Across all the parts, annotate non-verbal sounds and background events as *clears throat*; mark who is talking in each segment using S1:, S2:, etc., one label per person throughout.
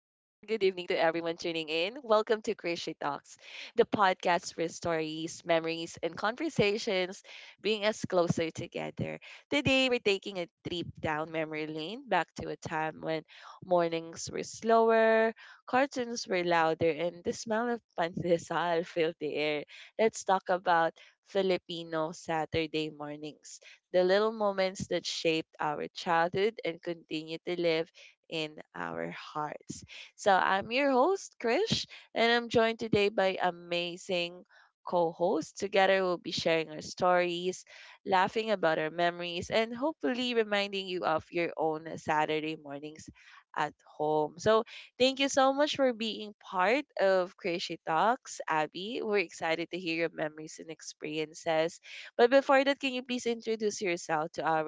S1: Welcome to Crochet Talks, the podcast for stories, memories, and conversations bringing us closer together. Today, we're taking a trip down memory lane back to a time when mornings were slower, cartoons were louder, and the smell of pandesal *laughs* filled the air. Let's talk about Filipino Saturday mornings, the little moments that shaped our childhood and continue to live in our hearts. So I'm your host, Krish, and I'm joined today by amazing co hosts. Together, we'll be sharing our stories, laughing about our memories, and hopefully reminding you of your own Saturday mornings at home. So thank you so much for being part of Crazy Talks, Abby. We're excited to hear your memories and experiences, but before that, can you please introduce yourself to our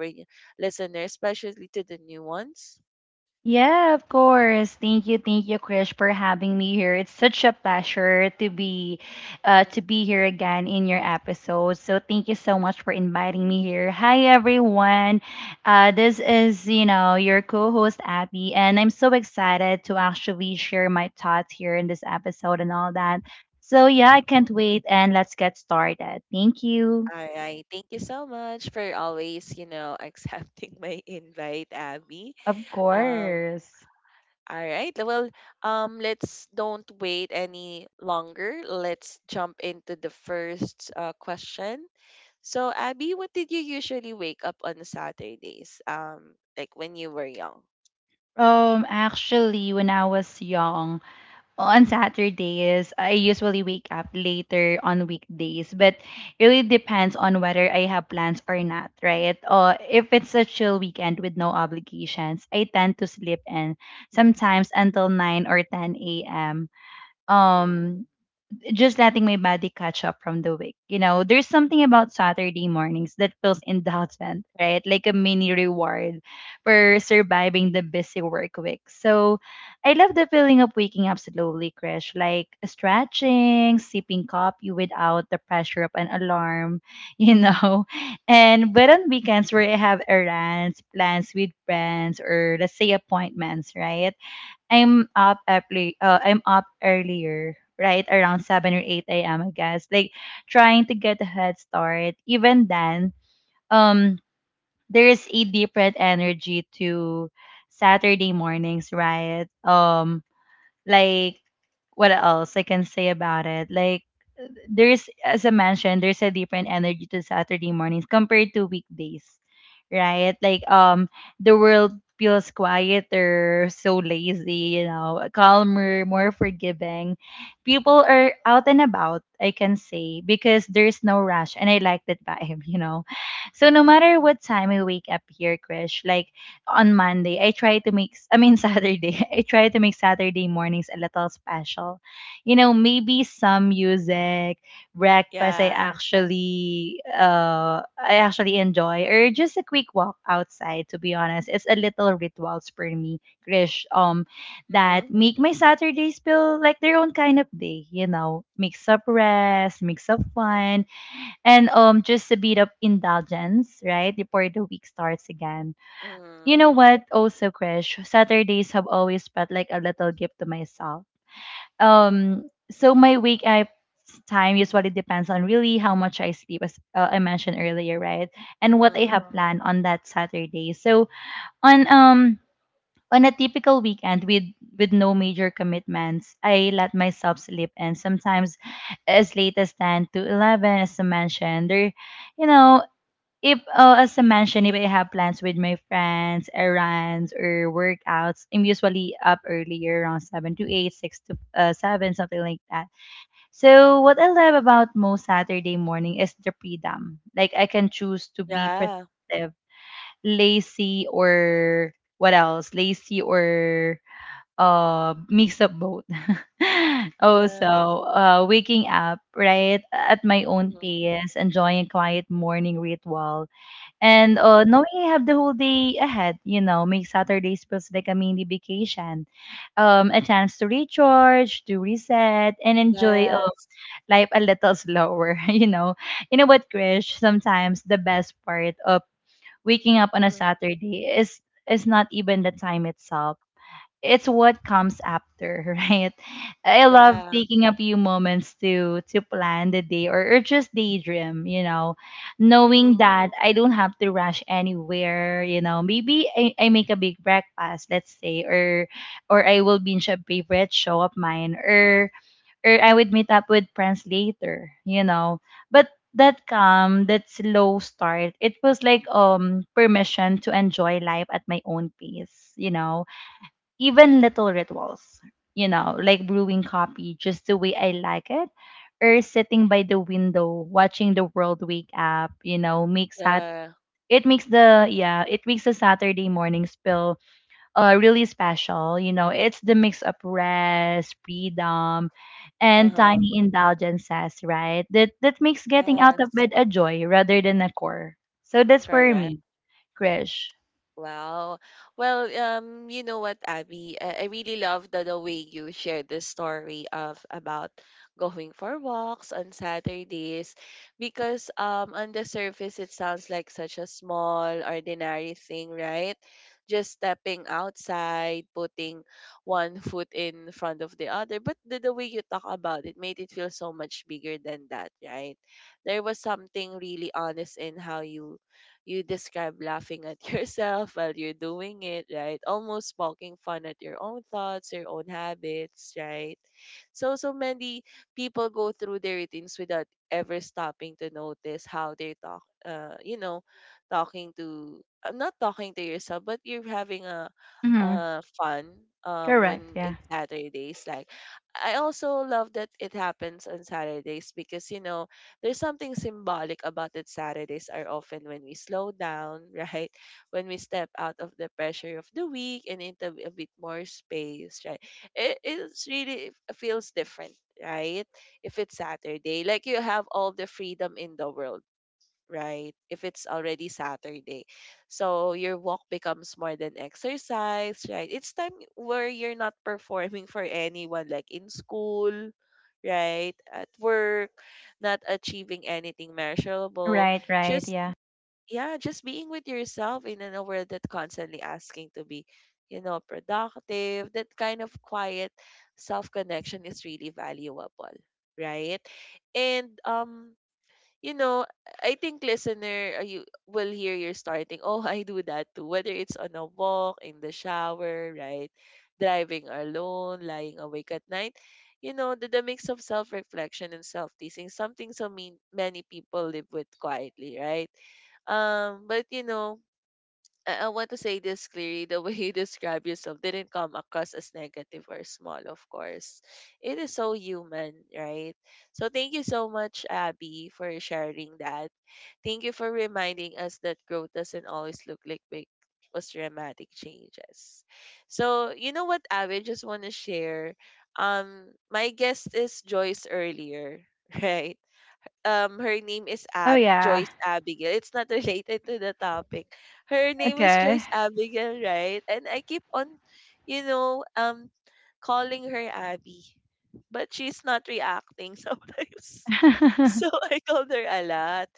S1: listeners, especially to the new ones?
S2: Yeah, of course. Thank you, Krish, for having me here. It's such a pleasure to be, uh, to
S1: Mm.
S2: be here again in your episode. So thank you so much for inviting me here. Hi, everyone. This is your co-host Abby, and I'm so excited to actually share my thoughts here in this episode and all that. So yeah, I can't wait, and let's get started. Thank you.
S1: All right. Thank you so much for always, *laughs* accepting my invite, Abby.
S2: Of
S1: Um,
S2: course.
S1: all right. Well, let's don't wait any longer. Let's jump into the first question. So, Abby, what did you usually wake up on Saturdays? Like when you were young?
S2: Actually, when I was young. On Saturdays, I usually wake up later on weekdays, but it really depends on whether I have plans or not, right? Or if it's a chill weekend with no obligations, I tend to sleep in sometimes until 9 or 10 a.m.
S1: Mhm.
S2: Um, just letting my body catch up from the week. You know, there's something about Saturday mornings that feels indulgent, right? Like a mini reward for surviving the busy work week. So I love the feeling of waking up slowly, Krish, like stretching, sipping coffee without the pressure of an alarm, you know. *laughs* And but on weekends where I have errands, plans with friends, or let's say appointments, right? I'm up early. I'm up earlier, right around seven or eight a.m. I guess, like trying to get a head start. Even then, um, there is a different energy to Saturday mornings, right? Like what else I can say about it? Like there's as I mentioned, there's a different energy to Saturday mornings compared to weekdays. Right? The world feels quieter, so lazy, you know, calmer, more forgiving. People are out and about, I can say, because there's no rush and I like that vibe, *laughs* you know. So no matter what time I wake up here, Krish, like on Monday, I try to make, I mean, *laughs* Saturday, I try to make Saturday mornings a little special. You know, maybe some music, breakfast I
S1: Yeah.
S2: actually, uh, I actually enjoy, or just a quick walk outside, to be honest. It's a little rituals for me, Krish, that
S1: Mhm.
S2: make my Saturdays feel like their own kind of day, you know, mix up rest, mix up fun,
S1: Mhm.
S2: and just a bit of indulgence, right, before the week starts again. You
S1: Mhm.
S2: know what? Also, Krish, Saturdays have always felt like a little gift to myself. So my wake up time usually depends on really how much I sleep, as I mentioned earlier, right? And what I
S1: Mhm.
S2: have planned on that Saturday. So on um on a typical weekend with no major commitments, I let myself sleep, and sometimes as late as 10 to 11, as I mentioned. There, you know, if I have plans with my friends, errands or workouts, I'm usually up earlier around seven to eight, six to seven, something like that. So what I love about most Saturday morning is the freedom. Like I can choose to be
S1: Yeah.
S2: productive, lazy, or what else? Lazy or mix of both. *laughs*
S1: Yeah.
S2: Also, waking up right at my own
S1: Mhm.
S2: pace, enjoying a quiet morning ritual. And
S1: Mhm.
S2: knowing I have the whole day ahead, you know, makes Saturdays feels like a mini vacation, a chance to recharge, to reset, and enjoy
S1: Yes.
S2: life a little slower. *laughs* You know what, Krish? Sometimes the best part of waking up on a
S1: Mhm.
S2: Saturday is not even the time itself. It's what comes after, *laughs* right? I love
S1: Yeah.
S2: taking a few moments to plan the day or just daydream, you know, knowing
S1: Mhm.
S2: that I don't have to rush anywhere, you know. Maybe I make a big breakfast, let's say, or I will binge a favorite show of mine, or I would meet up with friends later, you know. But that calm, that slow start, it was like permission to enjoy life at my own pace, you know. Even little rituals, you know, like brewing coffee just the way I like it, or sitting by the window watching the world wake up, you know, makes that
S1: Yeah.
S2: it makes the yeah, it makes the Saturday morning spill really special. You know, it's the mix of rest, freedom, and
S1: Uh-huh.
S2: tiny indulgences, right? That makes getting out of
S1: Yes.
S2: bed a joy rather than a chore. So that's for
S1: Correct.
S2: me, Krish.
S1: Wow. Well, you know what, Abby? I really love the way you shared the story of about going for walks on Saturdays, because on the surface it sounds like such a small, ordinary thing, right? Just stepping outside, putting one foot in front of the other. But the way you talk about it made it feel so much bigger than that, right? There was something really honest in how you describe laughing at *laughs* yourself while you're doing it, right? Almost poking fun at your own thoughts, your own habits, right? So, so many people go through their routines without ever stopping to notice how they talk, talking to — I'm not talking to yourself, but you're having a
S2: Mm-hmm.
S1: fun
S2: Correct,
S1: when
S2: yeah.
S1: it's Saturdays, like I also love that it happens on Saturdays, because you know there's something symbolic about that. Saturdays are often when we slow down, *laughs* right? When we step out of the pressure of the week and into a bit more space, right? It's really feels different, right? If it's Saturday, like you have all the freedom in the world, right? If it's already Saturday. So your walk becomes more than exercise, right? It's time where you're not *laughs* performing for anyone, like in school, right? At work, not achieving anything measurable.
S2: Right, right,
S1: Just,
S2: yeah.
S1: yeah, just being with yourself in a world that constantly asking to be. You know, productive, that kind of quiet self connection is really valuable, right? And you know, I think listener, you will hear you're starting. Oh, I do that too. Whether it's on a walk, in the shower, right, driving alone, lying awake at night, you know, the mix of self-reflection and self-teasing, something so mean many people live with quietly, right? But you know, I want to say this clearly. The *laughs* way you describe yourself didn't come across as negative or small, of course. It is so human, right? So thank you so much, Abby, for sharing that. Thank you for reminding us that growth doesn't always look like big or dramatic changes. So you know what, Abby, just want to share. Um, my guest is Joyce earlier, *laughs* right? Her name is
S2: Oh
S1: Ab
S2: yeah.
S1: Joyce Abigail. It's not related to the topic. Her name is
S2: Okay.
S1: Joyce Abigail, right? And I keep on, you know, um calling her Abby. But she's not reacting *laughs* sometimes. So
S2: *laughs*
S1: I called her a lot.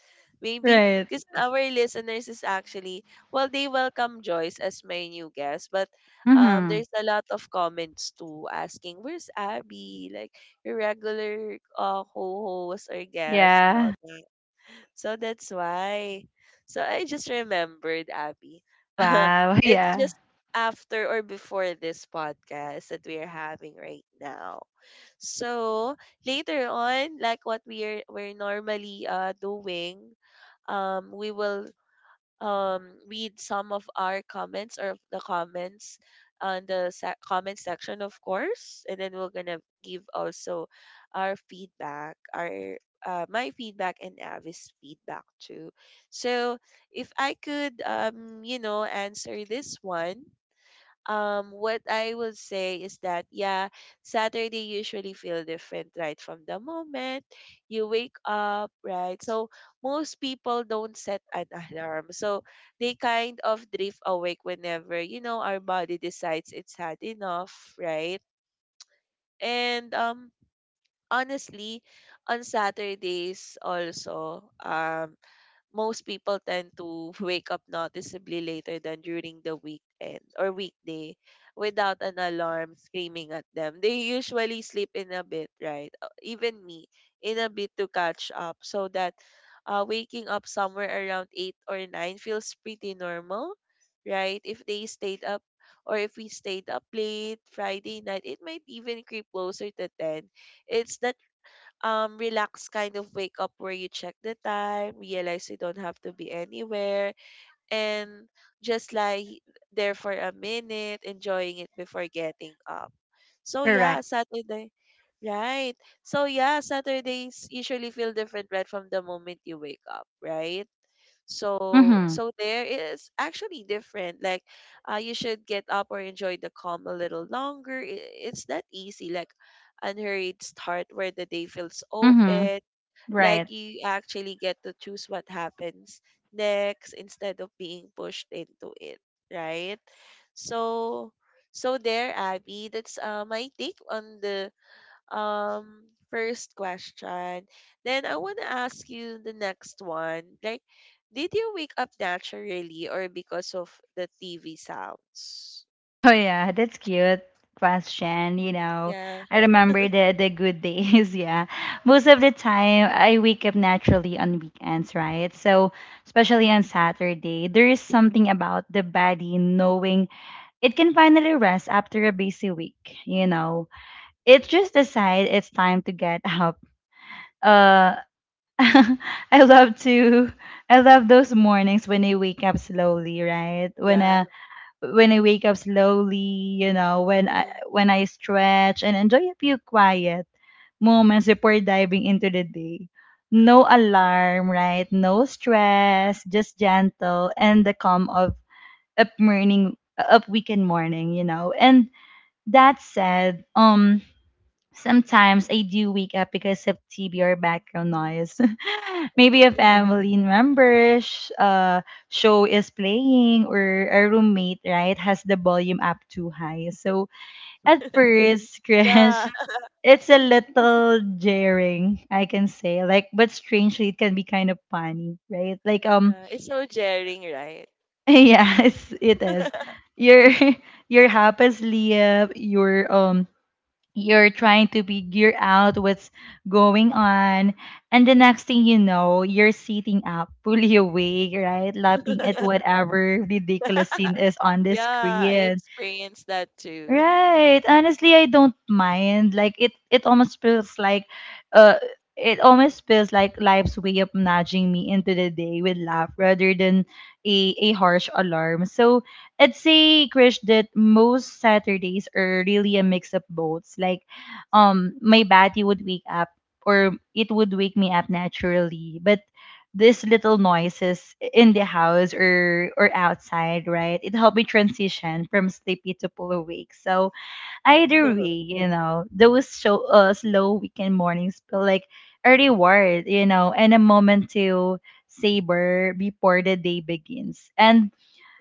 S1: Maybe
S2: Right.
S1: because our listeners is actually, well, they welcome Joyce as my new guest, but
S2: Mhm.
S1: there's a lot of comments too asking, "Where's Abby?" Like, your regular co-host or guest and all
S2: Yeah.
S1: that. So that's why. So I just remembered, Abby. *laughs*
S2: Wow.
S1: It's
S2: *laughs* Yeah.
S1: just after or before this podcast that we are having right now. So later on, like what we're normally doing, we will read some of our comments or of the comments on the comment section, of course, and then we're gonna give also our feedback, our my feedback and Avi's feedback too. So if I could, you know, answer this one, what I will say is that yeah, Saturday usually feel different right from the moment you wake up, right? So most people don't set an alarm. So they kind of drift awake whenever, you know, our body decides it's had enough, right? And honestly on Saturdays also most people tend to *laughs* wake up noticeably later than during the weekend or weekday without an alarm screaming at them. They usually sleep in a bit, right? Even me, in a bit to catch up, so that waking up somewhere around 8 or 9 feels pretty normal, right? If they stayed up, or if we stayed up late Friday night, it might even creep closer to 10. It's the relaxed kind of wake up where you check the time, realize you don't have to be anywhere, and just lie there for a minute, enjoying it before getting up. So yeah,
S2: Correct.
S1: Saturday. Right. So yeah, Saturdays usually feel different right from the moment you wake up, right? So
S2: Mhm.
S1: so there is actually different, like you should get up or enjoy the calm a little longer. It's that easy, like unhurried start where the day feels
S2: Mhm.
S1: open, like
S2: Right.
S1: you actually get to choose what happens next instead of being pushed into it, right? So so there, Abby, that's my take on the um first question. Then I want to ask you the next one. Like, did you wake up naturally or because of the TV sounds?
S2: *laughs* Oh yeah, that's cute question, you know.
S1: Yeah,
S2: I remember the good days, *laughs* yeah. Most of the time I wake up naturally on weekends, right? So, especially on Saturday, there is something about the body knowing it can finally rest after a busy week, you know. It just decides it's time to get *laughs* up. Uh *laughs* I love to I love those mornings when I wake up slowly, right? When
S1: yeah.
S2: I when I wake up slowly, you know, when I
S1: Mm-hmm,
S2: when I stretch and enjoy a few quiet moments before diving into the day. No alarm, right? No stress, just gentle and the calm of up morning up weekend morning, you know. And that said, sometimes I do wake up because of TV or background noise. *laughs* Maybe a
S1: mm-hmm.
S2: family member sh- show is playing or a roommate, right, has the volume up too high. So at
S1: *laughs*
S2: first, *laughs* crash,
S1: Yeah,
S2: it's a little jarring, I can say. Like, but strangely, it can be kind of funny, right?
S1: yeah. It's so jarring, right?
S2: *laughs* Yes, it is.
S1: *laughs*
S2: You're *laughs* you're half asleep. You're *laughs* you're trying to be gear out what's going on and the next thing you know you're sitting up *laughs* fully awake, right, laughing at whatever ridiculous scene is on the
S1: Yeah, I
S2: screen.
S1: experienced that too.
S2: Right. Honestly, I don't mind. Like it almost feels like uh it almost feels like life's way of nudging me into the day with love rather than a harsh alarm. So I'd say, Krish, that most Saturdays are really a mix of both. Like my body would wake up or it would wake me up naturally. But
S1: Mm.
S2: these little noises in the house or outside, right? It helped me transition from sleepy to full awake. So either way,
S1: *laughs*
S2: you know, those slow weekend mornings feel like a reward, you know, and a moment to savor before the day begins. And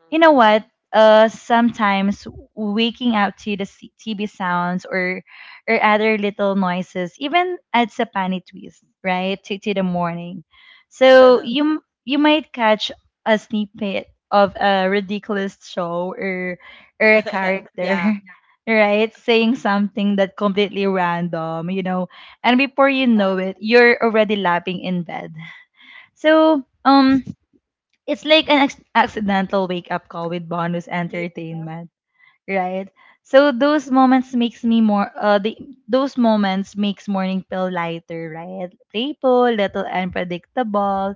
S2: you know what? Sometimes waking up to the TV sounds or other little noises even adds a funny twist, right, to the morning. So
S1: Mm.
S2: you might catch a snippet of a ridiculous show or a
S1: *laughs*
S2: character,
S1: Yeah,
S2: *laughs* right, saying something that completely random, you know, and before you know
S1: exactly.
S2: it, you're already lapping in bed. So it's like an accidental wake up call with bonus entertainment, right? So those moments makes morning pill lighter, right, playful little unpredictable,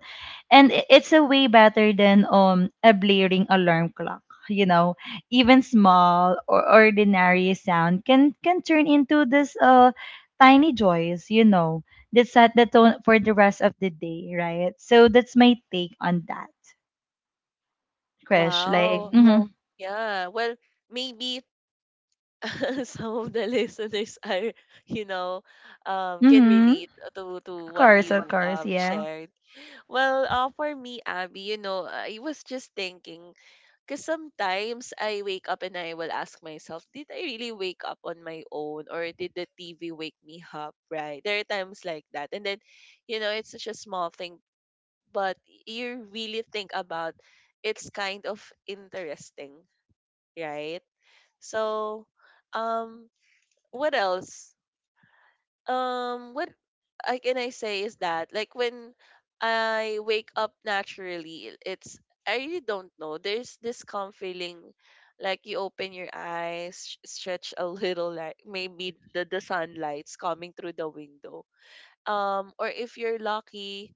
S2: and it's a way better than a blaring alarm clock, you know. Even small or ordinary sound can turn into this tiny joys, you know, that set the tone for the rest of the day, right? So that's my take on that, Crush, like.
S1: Wow.
S2: Oh. Mhm,
S1: Yeah. Well, maybe *laughs* some of the listeners are, you know, can
S2: mhm.
S1: relate to
S2: Of
S1: what
S2: course, of. Wow.
S1: you
S2: Course, yeah.
S1: shared. Well, for me, Abby, you know, I was just thinking, because sometimes I wake up and I will ask myself, did I really wake up on my own, or did the TV wake me up? Right? There are times like that, and then, you know, it's such a small thing, but you really think about, it's kind of interesting, right? So. Um, what else? What I can I say is that, like when I wake up naturally, it's, I really don't know. There's this calm feeling, like you open your eyes, stretch a little, like maybe the sunlight's coming through the window. Or if you're lucky,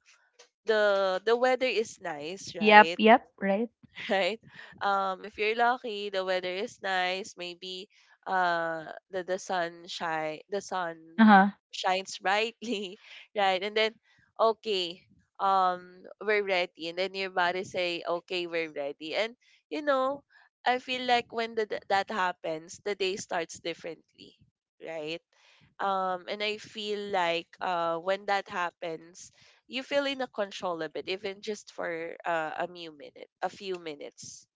S1: the weather is nice,
S2: Yep,
S1: right?
S2: yep, right.
S1: *laughs* Right? If you're lucky, the weather is nice. Maybe uh, the sun shine the sun
S2: Uh-huh.
S1: shines brightly, *laughs* right? And then okay, we're ready. And then your body say, okay, we're ready. And you know, I feel like when that happens, the day starts differently, right? And I feel like when that happens, you feel in a control a bit, even just for a few minutes,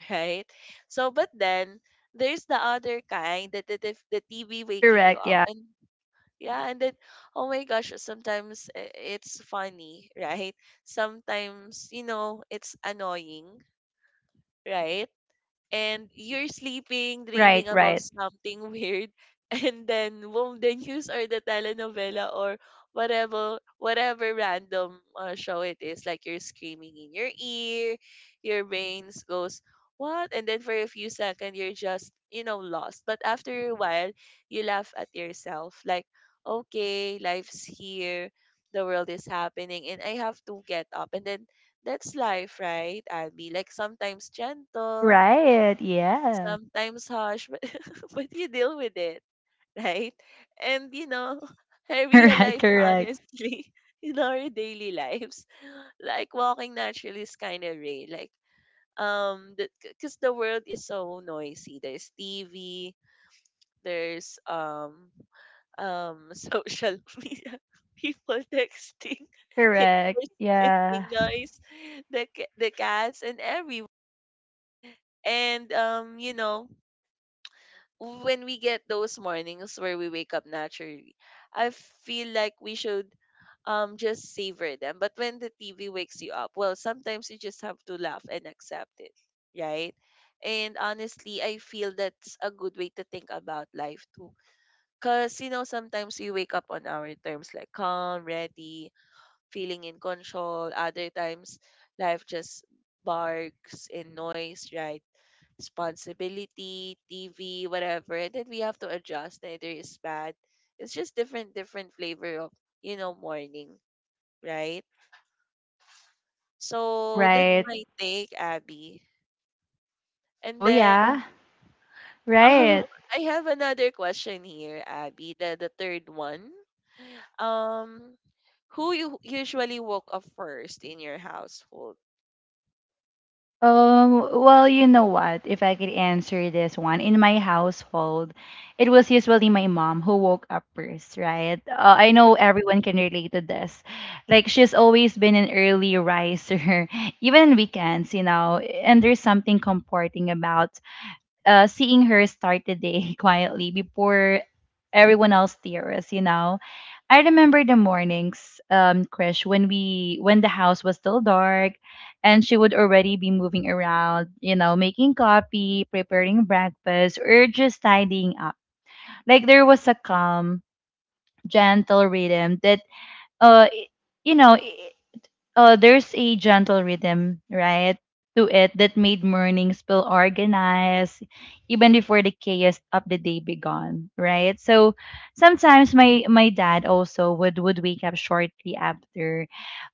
S1: *laughs* right? So, but then there's the other kind, that if the TV waking you
S2: Correct,
S1: up,
S2: yeah.
S1: and yeah, and then oh my gosh, sometimes it's funny, *laughs* right? Sometimes you know it's annoying, right? And you're sleeping, dreaming
S2: Right,
S1: about
S2: right.
S1: something weird, *laughs* and then boom, the news or the telenovela or whatever random show it is, like you're screaming in your ear, your brains goes what, and then for a few seconds you're just you know lost, but after a while you laugh at yourself, like okay, life's here, the world is happening, and I have to get up, and then that's life, right? I'll be like sometimes gentle,
S2: Right, yeah.
S1: sometimes harsh, but *laughs* but you deal with it, right? And you know, *laughs* I
S2: *laughs* Correct,
S1: realized
S2: correct.
S1: honestly *laughs* in our daily lives, like walking naturally is kind of rare. Like, because the world is so noisy. There's TV, there's *laughs* social media, people texting, *laughs*
S2: Correct.
S1: neighbors
S2: Yeah.
S1: making noise, the the cats and every, and you know, when we get those mornings where we wake up naturally, I feel like we should just savor them. But when the TV wakes you up, well, sometimes you just have to laugh and accept it, right? And honestly, I feel that's a good way to think about life too. Cause you know, sometimes we wake up on our terms, like calm, ready, feeling in control. Other times life just barks and noise, right? Responsibility, TV, whatever, and then we have to adjust. Neither is bad. It's just different, different flavor of morning, right? So that's
S2: Right.
S1: my take, Abby. And
S2: Oh
S1: then
S2: yeah.
S1: *laughs* um,
S2: Right.
S1: I have another question here, Abby. The third one. Um, who you usually woke up first in your household?
S2: Well, you know what? If I could answer this one, in my household, it was usually my mom who woke up first, right? I know
S1: Mm-hmm.
S2: everyone can relate to this. Like, she's always been an early riser, *laughs* even on weekends, you know, and there's something comforting about seeing her start the day *laughs* quietly before everyone else tears, you know. I remember the mornings, Krish, when the house was still dark and she would already be moving around, you know, making coffee, preparing breakfast, or just tidying up. Like there was a calm, gentle rhythm that I- you know, there's a gentle rhythm, right, to it that made mornings feel organized, even before the chaos of the day began, right? So sometimes my dad also would wake up shortly after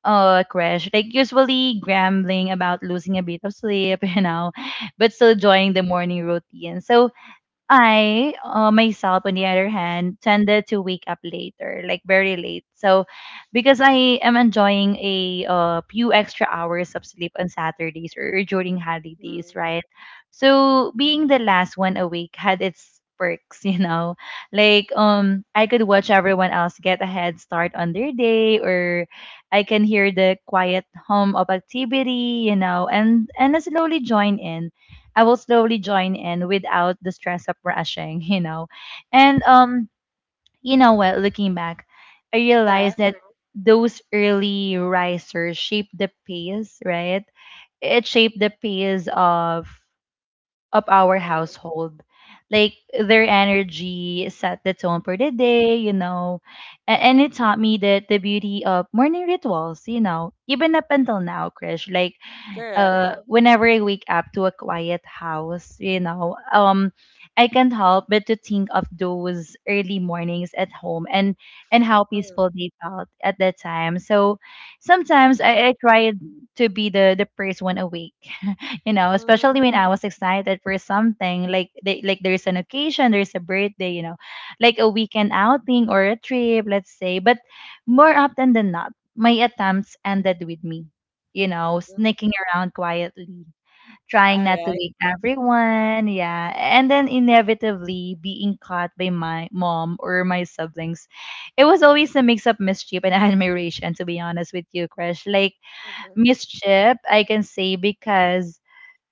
S2: crash, like usually grumbling about losing a bit of sleep, *laughs* you know, but still enjoying the morning routine. So I, myself, on the other hand, tended to wake up later, like very late. So, because I am enjoying a few extra hours of sleep on Saturdays or during holidays, right? So, being the last one awake had its perks, *laughs* you know. Like, I could watch everyone else get a head start on their day, or I can hear the quiet hum of activity, you know, and slowly join in. Without the stress of rushing, *laughs* you know. And You know what, looking back, I
S1: Yeah.
S2: realized that those early risers shaped the pace, right? It shaped the pace of our
S1: Mm-hmm.
S2: household. Like their energy set the tone for the day, you know. And it taught me that the beauty of morning rituals, you know, even up until now, Krish, like
S1: Correct.
S2: whenever I wake up to a quiet house, you know, I can't help but to think of those early mornings at home and how
S1: Mm-hmm.
S2: peaceful they felt at that time. So sometimes I try to be the first one awake, *laughs* you know, especially
S1: Mm-hmm.
S2: when I was excited for something like there's an occasion, there's a birthday, you know, like a weekend outing or a trip, let's say. But more often than not, my attempts ended with me, sneaking around quietly,
S1: All
S2: trying not to
S1: right.
S2: wake everyone. Yeah. And then inevitably being caught by my mom or my siblings. It was always a mix of mischief and *laughs* admiration, to be honest with you, Krish. Like,
S1: Mm-hmm.
S2: mischief, I can say because,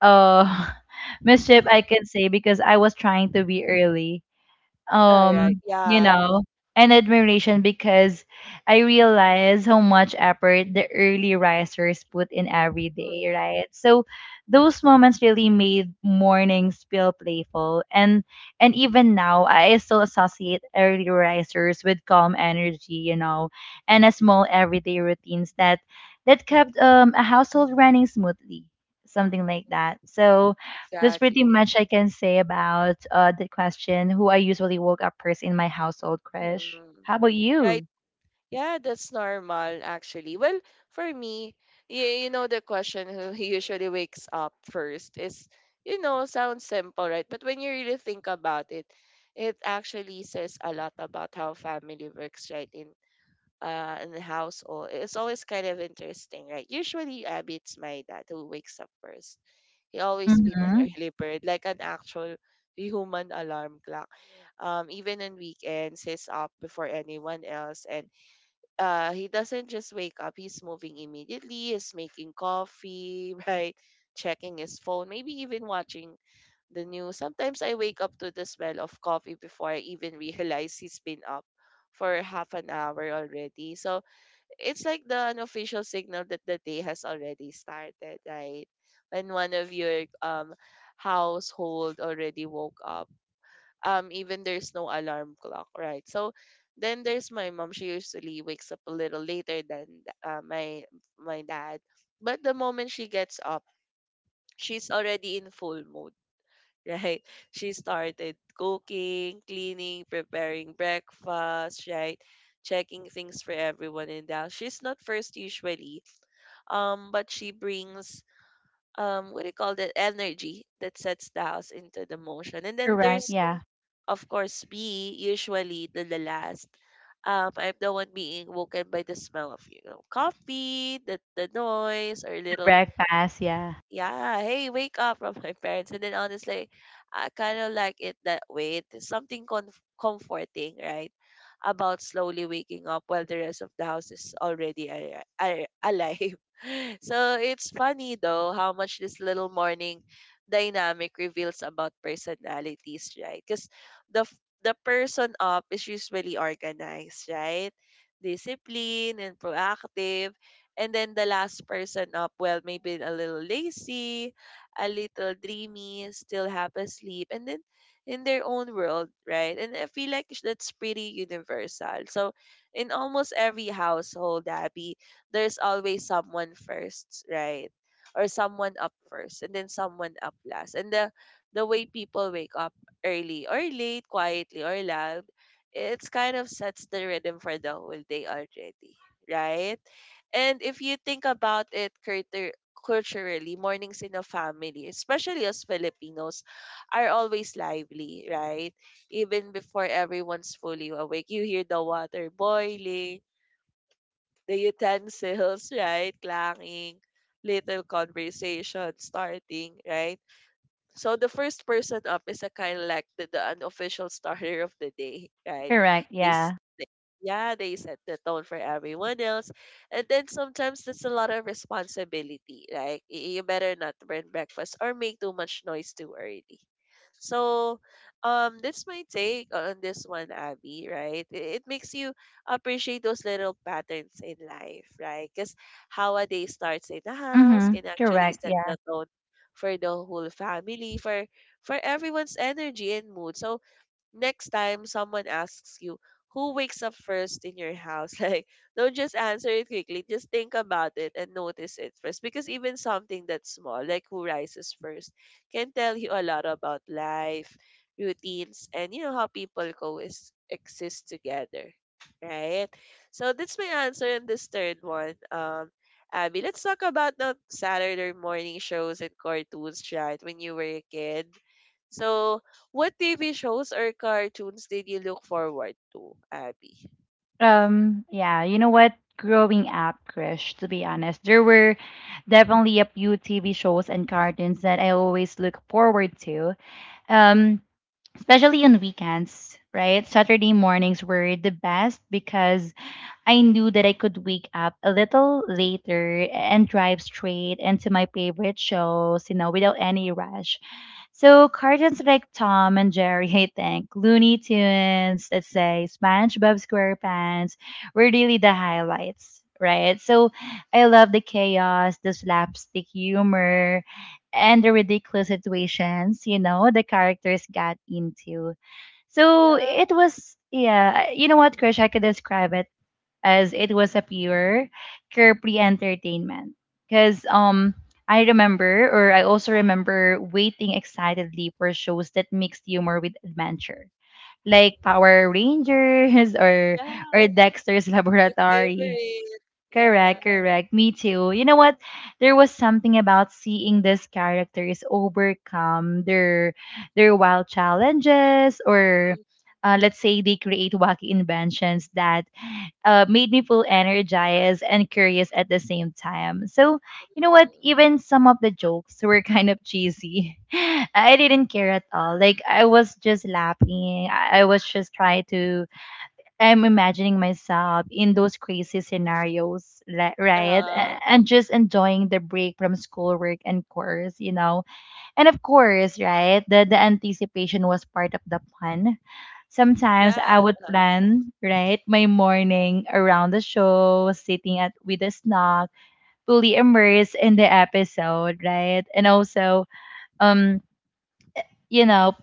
S2: uh, *laughs* mischief, I can say because I was trying to be early
S1: Alright,
S2: um, you
S1: yeah.
S2: know, and admiration because I realize how much effort the early risers put in every day,
S1: Mm,
S2: right? So those moments really made mornings feel playful and even now I still associate early risers with calm energy, you know, and a small everyday routines that that kept a household running smoothly, something like
S1: mm,
S2: that. So that's pretty
S1: exactly.
S2: much I can say about the question who I usually woke up first in my household, Krish.
S1: Mm.
S2: How about
S1: Right.
S2: you?
S1: Yeah, that's normal actually. Well, for me, you know the question who *laughs* usually wakes up first is, you know, sounds simple, right? But when you really think about it, it actually says a lot about how family works, right? In the household. It's always kind of interesting, right? Usually, Abby, it's my dad who wakes up first. He always been an
S2: Mm-hmm.
S1: early bird, like an actual human alarm clock. Even on weekends, he's up before anyone else, and he doesn't just wake up. He's moving immediately. He's making coffee, *laughs* right? Checking his phone, maybe even watching the news. Sometimes I wake up to the smell of coffee before I even realize he's been up for half an hour already. So it's like the unofficial signal that the day has already started, right? When one of your household already woke up. Even there's no alarm clock, right? So then there's my mom. She usually wakes up a little later than my dad. But the moment she gets up, she's already in full mode, right? *laughs* She started cooking, cleaning, preparing breakfast, right? Checking things for everyone in the house. She's not first usually, but she brings what do you call that energy that sets the house into the motion, and then
S2: Correct.
S1: there's
S2: Yeah.
S1: of course me, usually the, last. I'm the one being woken by the smell of, you know, coffee, the noise, or
S2: The
S1: little,
S2: breakfast. Yeah.
S1: yeah, hey, wake up from my parents. And then honestly, I kind of like it that way. It is something comforting, right? About slowly waking up while the rest of the house is already alive. *laughs* So it's funny though how much this little morning dynamic reveals about personalities, right? Because the f- the person up is usually organized, right? Disciplined and proactive, and then the last person up, well, maybe a little lazy, a little dreamy, still half asleep, and then in their own world, right? And I feel like that's pretty universal. So in almost every household, Abby, there's always someone first, right? Or someone up first, and then someone up last. And the way people wake up, early or late, quietly or loud, it's kind of sets the rhythm for the whole day already, right? And if you think about it, culturally, mornings in a family, especially as Filipinos, are always lively, right? Even before everyone's fully awake, you hear the water boiling, the utensils, *laughs* right? Clanging, little conversation starting, right? So the first person up is a kind of like the unofficial starter of the day, right?
S2: Correct.
S1: They, s-
S2: Yeah.
S1: they yeah, they set the tone for everyone else. And then sometimes it's a lot of responsibility. Like you better not burn breakfast or make too much noise too early. So that's my take on this one, Abby, right? It makes you appreciate those little patterns in life, right? Because how a day starts in the house
S2: Mm-hmm.
S1: can actually
S2: Correct.
S1: set
S2: Yeah.
S1: the tone for the whole family, for everyone's energy and mood. So next time someone asks you who wakes up first in your house, *laughs* like, don't just answer it quickly, just think about it and notice it first, because even something that's small like who rises first can tell you a lot about life, routines, and, you know, how people coexist exist together, right? So that's my answer in this third one. Abby, let's talk about the Saturday morning shows and cartoons, right, when you were a kid. So what TV shows or cartoons did you look forward to, Abby?
S2: Yeah. You know what? Growing up, Krish. To be honest, there were definitely a few TV shows and cartoons that I always look forward to. Um. Especially on weekends, right? Saturday mornings were the best because I knew that I could wake up a little later and drive straight into my favorite shows, you know, without any rush. So cartoons like Tom and Jerry, *laughs* I think, Looney Tunes, let's say SpongeBob SquarePants, were really the highlights, right? So I love the chaos, the slapstick humor, and the ridiculous situations, you know, the characters got into. So
S1: Yeah,
S2: it was, yeah, you know what, Krish, I could describe it as it was a pure carefree entertainment. Because I remember, or I also remember waiting excitedly for shows that mixed humor with adventure, like Power Rangers
S1: yeah,
S2: or Dexter's
S1: my
S2: Laboratory.
S1: favorite. Yeah.
S2: Correct, correct. Me too. You know what? There was something about seeing these characters overcome their wild challenges, or let's say they create wacky inventions that made me feel energized and curious at the same time. So, you know what?
S1: Mm-hmm.
S2: Even some of the jokes were *laughs* kind of cheesy. *laughs* I didn't care at all. Like, I was just laughing. I was just trying to, I'm imagining myself in those crazy scenarios, right?
S1: Uh,
S2: And just enjoying the break from schoolwork and course, you know? And of course, right, the anticipation was part of the fun.
S1: yeah,
S2: Sometimes I would plan, right, my morning around the show, sitting at with a snack, fully immersed in the episode, right? And also, um, you know,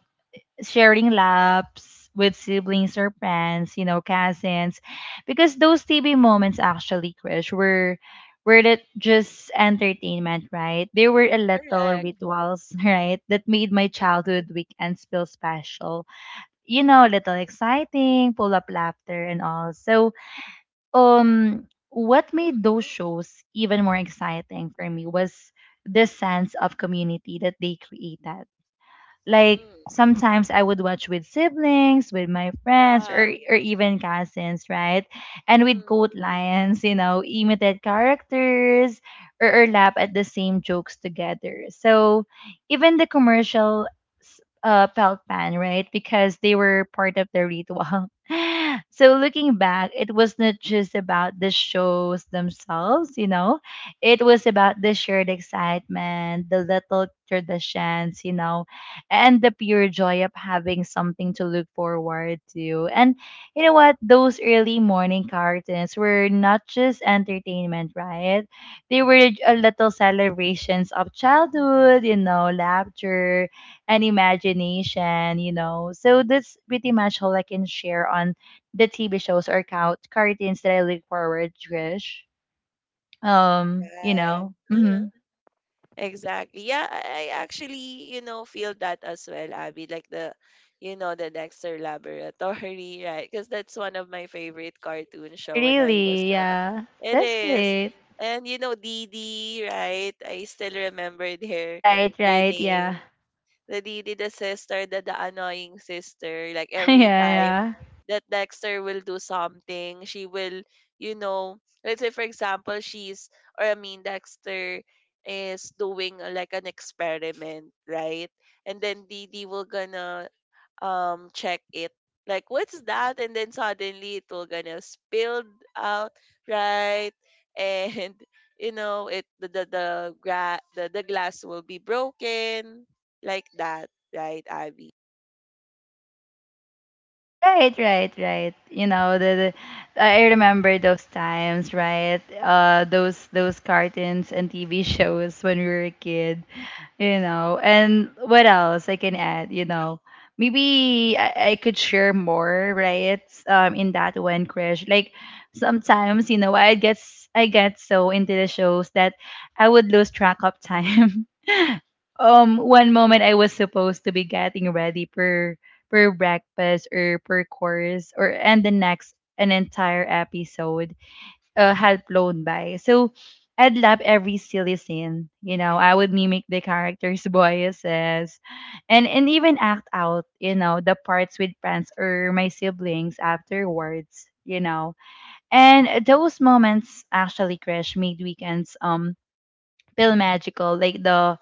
S2: sharing laps with siblings or friends, you know, cousins, because those TV moments actually, Krish, were not just entertainment, right? They were a little
S1: correct.
S2: rituals, *laughs* right, that made my childhood weekends feel special. You know, a
S1: Mm-hmm.
S2: little exciting, pull up laughter and all. So, what made
S1: Mm-hmm.
S2: those shows even more exciting for me was the sense of community that they created like
S1: Mm-hmm.
S2: sometimes I would watch with siblings, with my friends,
S1: Yeah.
S2: or even cousins, right? And we'd
S1: Mm-hmm.
S2: quote lines, you know, imitate characters, or laugh at the same jokes together. So even the commercial felt pan, right? Because they were part of the ritual. *laughs* So looking back, it was not just about the shows themselves, you know, it was about the shared excitement, the little traditions, you know, and the pure joy of having something to look forward to. And you know what? Those early morning cartoons were not just entertainment, right? They were a little celebrations of childhood, you know, laughter and imagination, you know. So that's pretty much all I can share on the TV shows or count cartoons that I look forward to. Trish. Um, you
S1: Right.
S2: know. hmm
S1: *laughs* Exactly. Yeah, I actually, you know, feel that as well, Abby. Like the, you know, the Dexter Laboratory, *laughs* right? Because that's one of my favorite cartoon show when I was
S2: Really, yeah.
S1: it
S2: That's
S1: is.
S2: great.
S1: And you know, Dee Dee, right? I still remember *laughs*
S2: Right,
S1: their
S2: right,
S1: name.
S2: yeah.
S1: The Dee Dee, the sister, the annoying sister. Like
S2: *laughs* yeah,
S1: every time
S2: yeah.
S1: that Dexter will do something. She will, you know, let's say for example, she's, or I mean Dexter is doing like an experiment, right? And then Didi will gonna check it. Like what's that? And then suddenly it will gonna spill out, right? And *laughs* you know it the, gra- the glass will be broken like that, right, Abby?
S2: Right, right, right. You know, the I remember those times, right? Those cartoons and TV *laughs* shows when we were a kid. You know and what else I can add you know maybe I could share more right in that one crash like sometimes you know I get so into the shows that I would lose track of time *laughs* one moment I was supposed to be getting ready for breakfast or per course or and the next an entire episode had flown by. So I'd love every silly scene. You know, I would mimic the characters' *laughs* voices and even act out, you know, the parts with friends or my siblings afterwards, you know. And those moments actually, Crash, made weekends feel magical.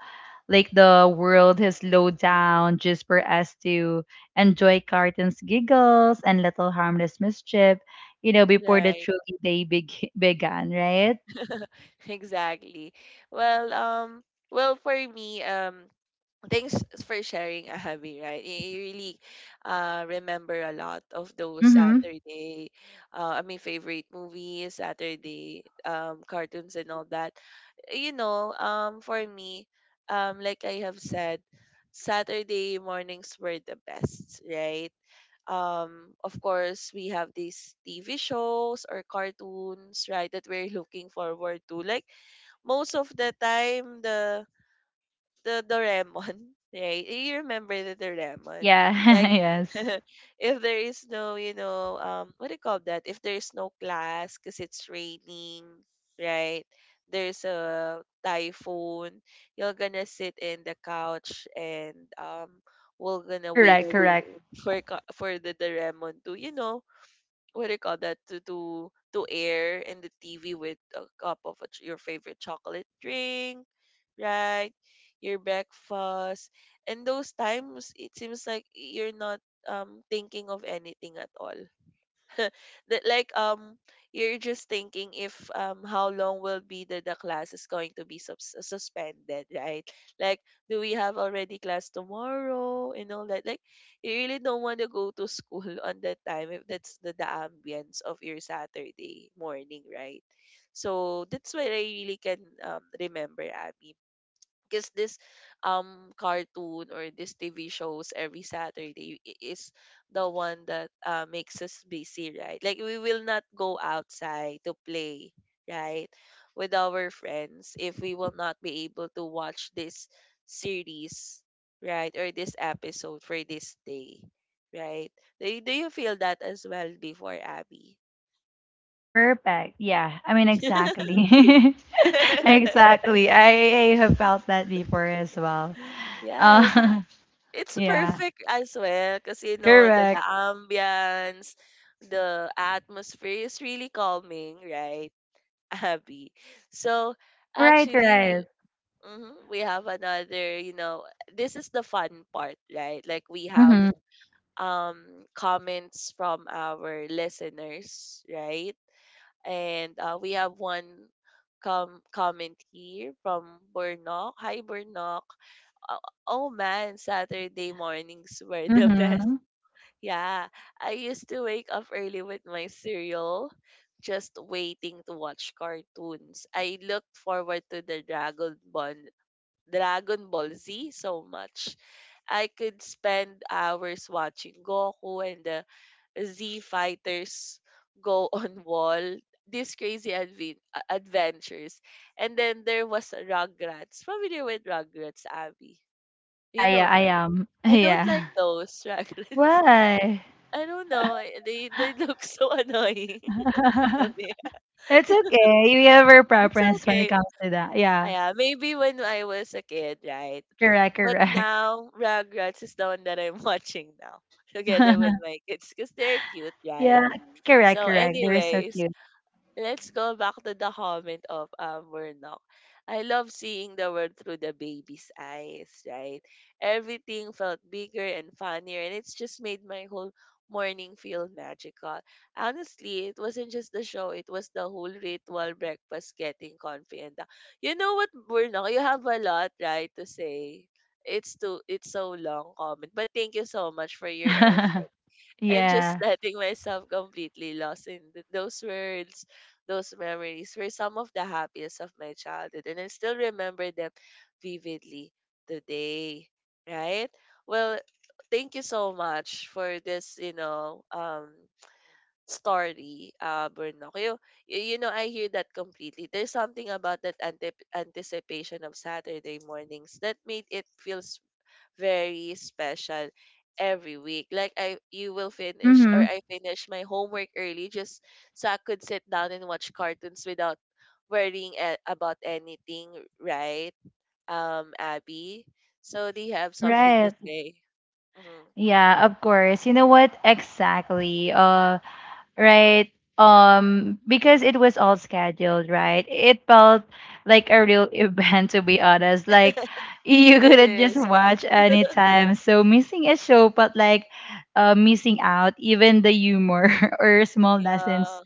S2: Like the world has slowed down just for us to enjoy cartoons giggles and little harmless mischief you know before the
S1: Right.
S2: truly day beg- *laughs* began right.
S1: *laughs* Exactly. Well, well, for me, thanks for sharing, Abby, right? You really remember a lot of those
S2: Mm-hmm.
S1: Saturday, I mean, favorite movies, Saturday cartoons and all that. You know, for me, like I have said, Saturday mornings were the best, right? Um, of course we have these TV shows or cartoons, right, that we're *laughs* looking forward to, like most of the time, the Doraemon, *laughs* right? You remember the Doraemon?
S2: Yeah. *laughs*
S1: Like,
S2: Yes.
S1: *laughs* if there is no, you know, what do you call that? If there is no class because it's raining, right? There's a typhoon. You're gonna sit in the couch and, we're gonna wait
S2: Correct. Yes.
S1: for
S2: Correct.
S1: for the Doraemon to, you know, what do you call that, to air in the TV with a cup of a your favorite chocolate drink, right? Your breakfast, and those times it seems like you're not thinking of anything at all, that, like, um, you're just thinking if, um, how long will be the class is going to be suspended, right? Like, do we have already class tomorrow and all that, like, you really don't want to go to school *laughs* on that time if that's the ambience of your Saturday morning, right? So that's what I really can, remember, Abby. Because this cartoon or this TV shows every Saturday is the one that makes us busy, right? Like we will not go outside to play, right, with our friends if we will not be able to watch this series, right, or this episode for this day, right? Do you feel that as well before, Abby?
S2: Perfect, yeah, I mean,
S1: *laughs*
S2: exactly. *laughs* Exactly. I have felt that before as well.
S1: Yes,
S2: uh,
S1: it's
S2: *laughs* yeah,
S1: perfect as well because you know the
S2: correct,
S1: ambience, the atmosphere is really calming, right, *laughs* Abby? So
S2: right
S1: actually, we,
S2: right.
S1: mhm, we have another. You know, this is the fun part, right? Like we have
S2: Mm-hmm.
S1: um comments from our listeners, right? And, we have one comment here from Burnok. Hi, Burnok. Oh, oh man, Saturday mornings were the *laughs* best.
S2: Mm-hmm.
S1: Yeah, I used to wake up early with my cereal, just waiting to watch cartoons. I looked forward to the Dragon Ball Z so much. I could spend hours watching Goku and the Z fighters go *laughs* on wall. These crazy advent adventures. And then there was Rugrats. Familiar with Rugrats, Abby?
S2: Yeah,
S1: You know
S2: yeah I
S1: them.
S2: am, *laughs*
S1: I don't like
S2: yeah.
S1: those raglets.
S2: Why?
S1: *laughs* I don't know. Eh, they look so annoying *laughs* to me.
S2: *laughs* It's okay. We have our
S1: It's
S2: preference when it
S1: okay.
S2: comes to that. Yeah.
S1: Yeah, maybe when I was a kid, right?
S2: Correct,
S1: But
S2: correct.
S1: now Rugrats is the one that I'm watching now, *laughs* together with my
S2: *laughs*
S1: kids, because they're cute, right?
S2: Yeah, correct,
S1: So,
S2: correct. They're so
S1: anyway,
S2: cute.
S1: let's go back to the comment of Murnock. I love seeing the world through the baby's eyes, right? Everything felt bigger and funnier, and it's just made my whole morning feel magical. Honestly, it wasn't just the show, it was the whole ritual breakfast getting confident. You know what, Murnock? You have a lot, right, to say. It's too it's so long comment. But thank you so much for your effort,
S2: *laughs*
S1: and just *laughs*
S2: Yeah.
S1: letting myself completely lost in those words, those memories were some of the happiest of my childhood, and I still remember them vividly today. Right? Well, thank you so much for this, you know, story, Bruno. You know, I hear that completely. There's something about that anticipation of Saturday mornings that made it feels very special every week. Like, I you will finish, or
S2: Mm-hmm.
S1: I finish my homework early, just so I could sit down and watch cartoons without worrying about anything, right? Um, Abby. So they have something to
S2: Right.
S1: say. Mhm.
S2: Yeah, of course. You know what? Exactly. Right? Because it was all scheduled, right? It
S1: Mm.
S2: felt like a real *laughs* event, to be honest. Like you
S1: It
S2: couldn't just
S1: is.
S2: watch anytime. So missing a show felt like missing out, even the humor *laughs* or small lessons
S1: Yeah,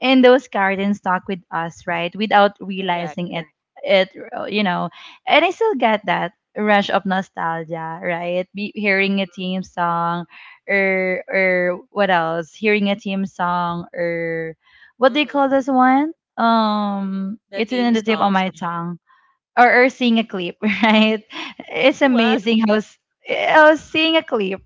S2: and those gardens talk with us right without
S1: correct.
S2: realizing it it you know and I still get that rush of nostalgia right hearing a
S1: Mm-hmm.
S2: team song or what else hearing a team song or what do you call
S1: Mm-hmm.
S2: this one
S1: The
S2: it's in
S1: theme
S2: the tip of
S1: song.
S2: my tongue or seeing a clip *laughs* right it's
S1: *laughs* What?
S2: amazing how seeing a clip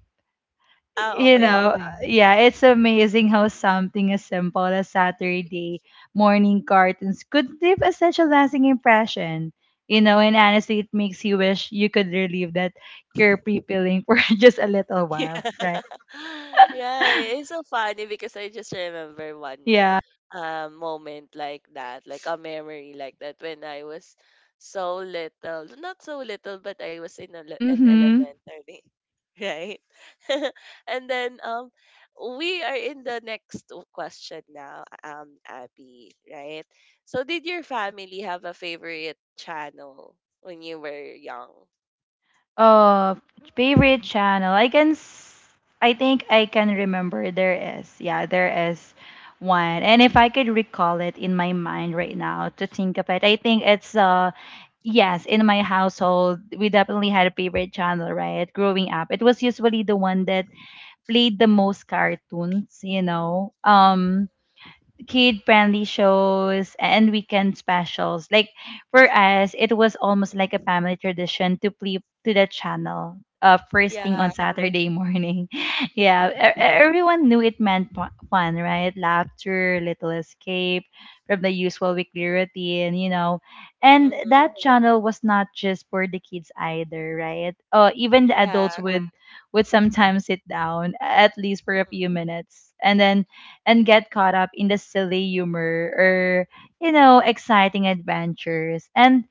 S1: Ah,
S2: you know,
S1: okay.
S2: Something. Yeah, it's amazing how something as simple as Saturday morning cartoons could leave a such a lasting impression. You know, and honestly, it makes you wish you could relieve that guilt-free feeling for *laughs* just a little
S1: *laughs* Yeah.
S2: while, right?
S1: *laughs* Yeah, it's so funny because I just remember one
S2: Yeah.
S1: moment like that, like a memory like that when I was so little. Not so little, but I was in in
S2: Mm-hmm.
S1: elementary, *laughs* right? *laughs* And then we are in the next question now, Abby, right? So did your family have a favorite channel when you were young?
S2: Oh, favorite channel. I think I can remember there is. Yeah, there is one. And if I could recall it in my mind right now to think of it, I think it's yes, in my household, we definitely had a favorite channel, right? Growing up, it was usually the one that played the most cartoons, you know. Kid friendly shows and weekend specials. Like for us, it was almost like a family tradition to flip to the channel first thing
S1: Yeah.
S2: on Saturday morning. *laughs* Yeah, everyone knew it meant fun, right? Laughter, little escape from the usual weekly routine, you know. And
S1: Mm-hmm.
S2: that channel was not just for the kids either, right? Even the adults
S1: Yeah.
S2: would sometimes sit down at least for a
S1: Mm-hmm.
S2: few minutes and then and get caught up in the silly humor or, you know, exciting adventures. And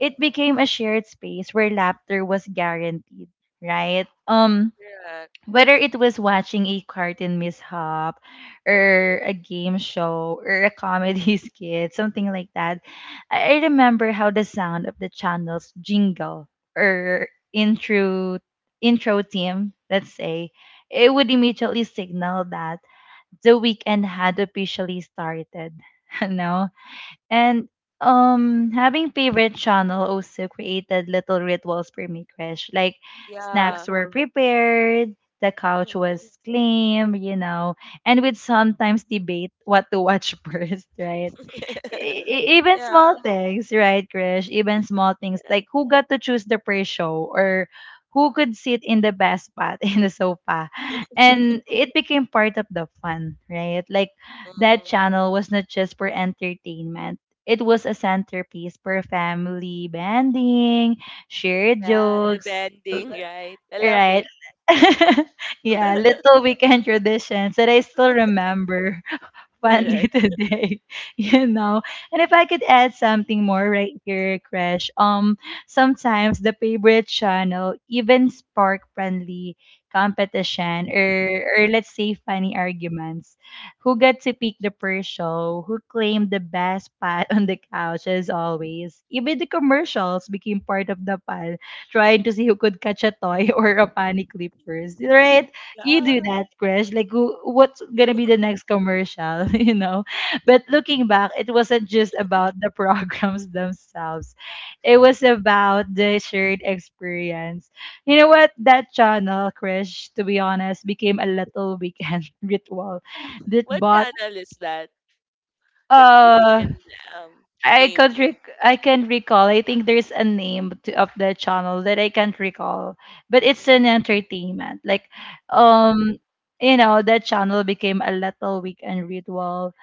S2: it became a shared space where laughter was guaranteed, right?
S1: Yeah.
S2: Whether it was watching a cartoon mishap or a game show or a comedy *laughs* skit, something like that, I remember how the sound of the channel's jingle or intro theme, let's say, it would immediately signal that the weekend had officially started, *laughs* you know? And having favorite channel also created little rituals for me, Krish. Like
S1: Yeah.
S2: snacks were prepared, the couch
S1: Mhm.
S2: was claimed, you know, and we'd sometimes debate what to watch *laughs* first, right?
S1: *laughs*
S2: Even
S1: Yeah.
S2: small things, right, Krish? Even small things
S1: Yeah.
S2: like who got to choose the pre-show or who could sit in the best spot *laughs* in the sofa,
S1: *laughs*
S2: and it became part of the fun, right? Like that
S1: Mhm.
S2: channel was not just for entertainment; it was a centerpiece for family bonding, shared
S1: Yeah, the
S2: jokes, l-
S1: bending, right? I love
S2: right?
S1: it.
S2: *laughs* Yeah, little
S1: *laughs*
S2: weekend traditions that I still remember. One *laughs* little
S1: Correct.
S2: day, *laughs* you know. And if I could add something more right here, Crash, sometimes the favorite channel even spark friendly competition or let's say funny arguments. Who got to pick the first show? Who claimed the best spot *laughs* on the couch as always? Even the commercials became part of the fun, trying to see who could catch a toy *laughs* or a funny clippers, right? You do
S1: Yeah.
S2: that, Krish. Like, who, what's gonna be the next commercial, *laughs*? But looking back, it wasn't just about the programs *laughs* themselves. It was about the shared experience. You know what? That channel, Krish, to be honest, became a little weekend *laughs* ritual that
S1: What
S2: bought
S1: channel is that? If you
S2: uh
S1: can um
S2: I
S1: name it.
S2: I can recall. I think there's a name to, of the channel that I can't recall, but it's an
S1: Mhm.
S2: entertainment. Like, um, that channel became a little weekend ritual.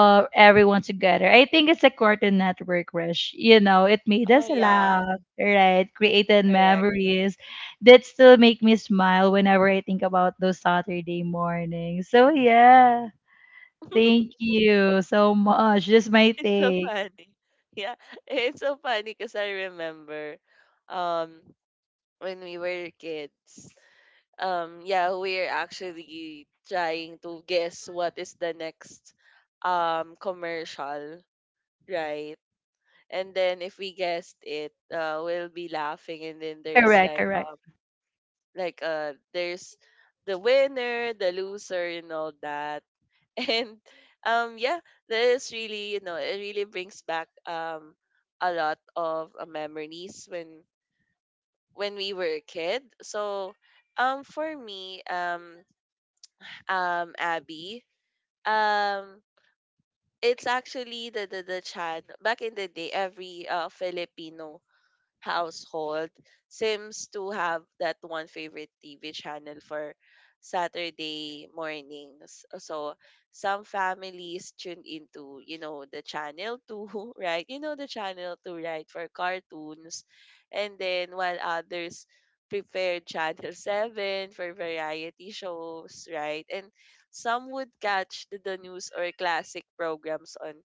S1: Mm.
S2: Everyone together. I think it's a Cartoon Network rush. You know, it made
S1: Oh
S2: us
S1: yeah,
S2: laugh, right? Created
S1: correct.
S2: memories that still make me smile whenever I think about those Saturday mornings. So yeah,
S1: *laughs*
S2: thank you so much. Just my
S1: It's so
S2: take.
S1: funny. Yeah, *laughs* it's so funny because I remember um when we were kids. Yeah, we're actually trying to guess what is the next commercial, right? And then if we guessed it, we'll be laughing. And then there's
S2: Correct,
S1: like,
S2: correct.
S1: like, there's the winner, the loser, and all that. *laughs* And yeah, this really, you know, it really brings back, a lot of memories when we were a kid. So for me, Abby. Um it's actually the Chan. Back in the day, every Filipino household seems to have that one favorite TV channel for Saturday mornings. So some families tune into, you know, the channel 2, *laughs* right? You know the channel two, right, for cartoons. And then while others prepare channel 7 for variety shows, right? And some would catch the news or classic programs on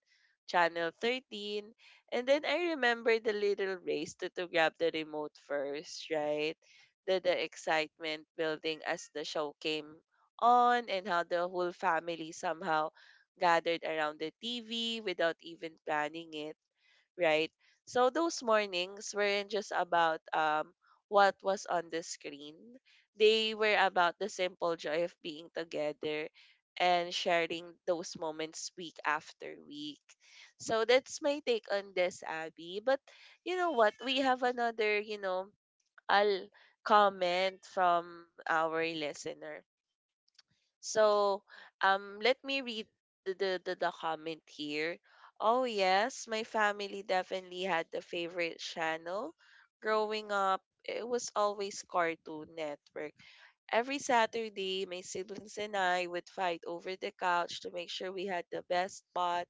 S1: channel 13. And then I remember the little race to grab the remote first, right? The excitement building as the show came on, and how the whole family somehow gathered around the TV without even planning it, right? So those mornings weren't just about what was on the screen. They were about the simple joy of being together and sharing those moments week after week. So that's my take on this, Abby. But you know what? We have another, you know, I'll comment from our listener. So, let me read the comment here. Oh, yes, my family definitely had the favorite channel. Growing up, it was always Cartoon Network. Every Saturday, my siblings and I would fight over the couch to make sure we had the best spot.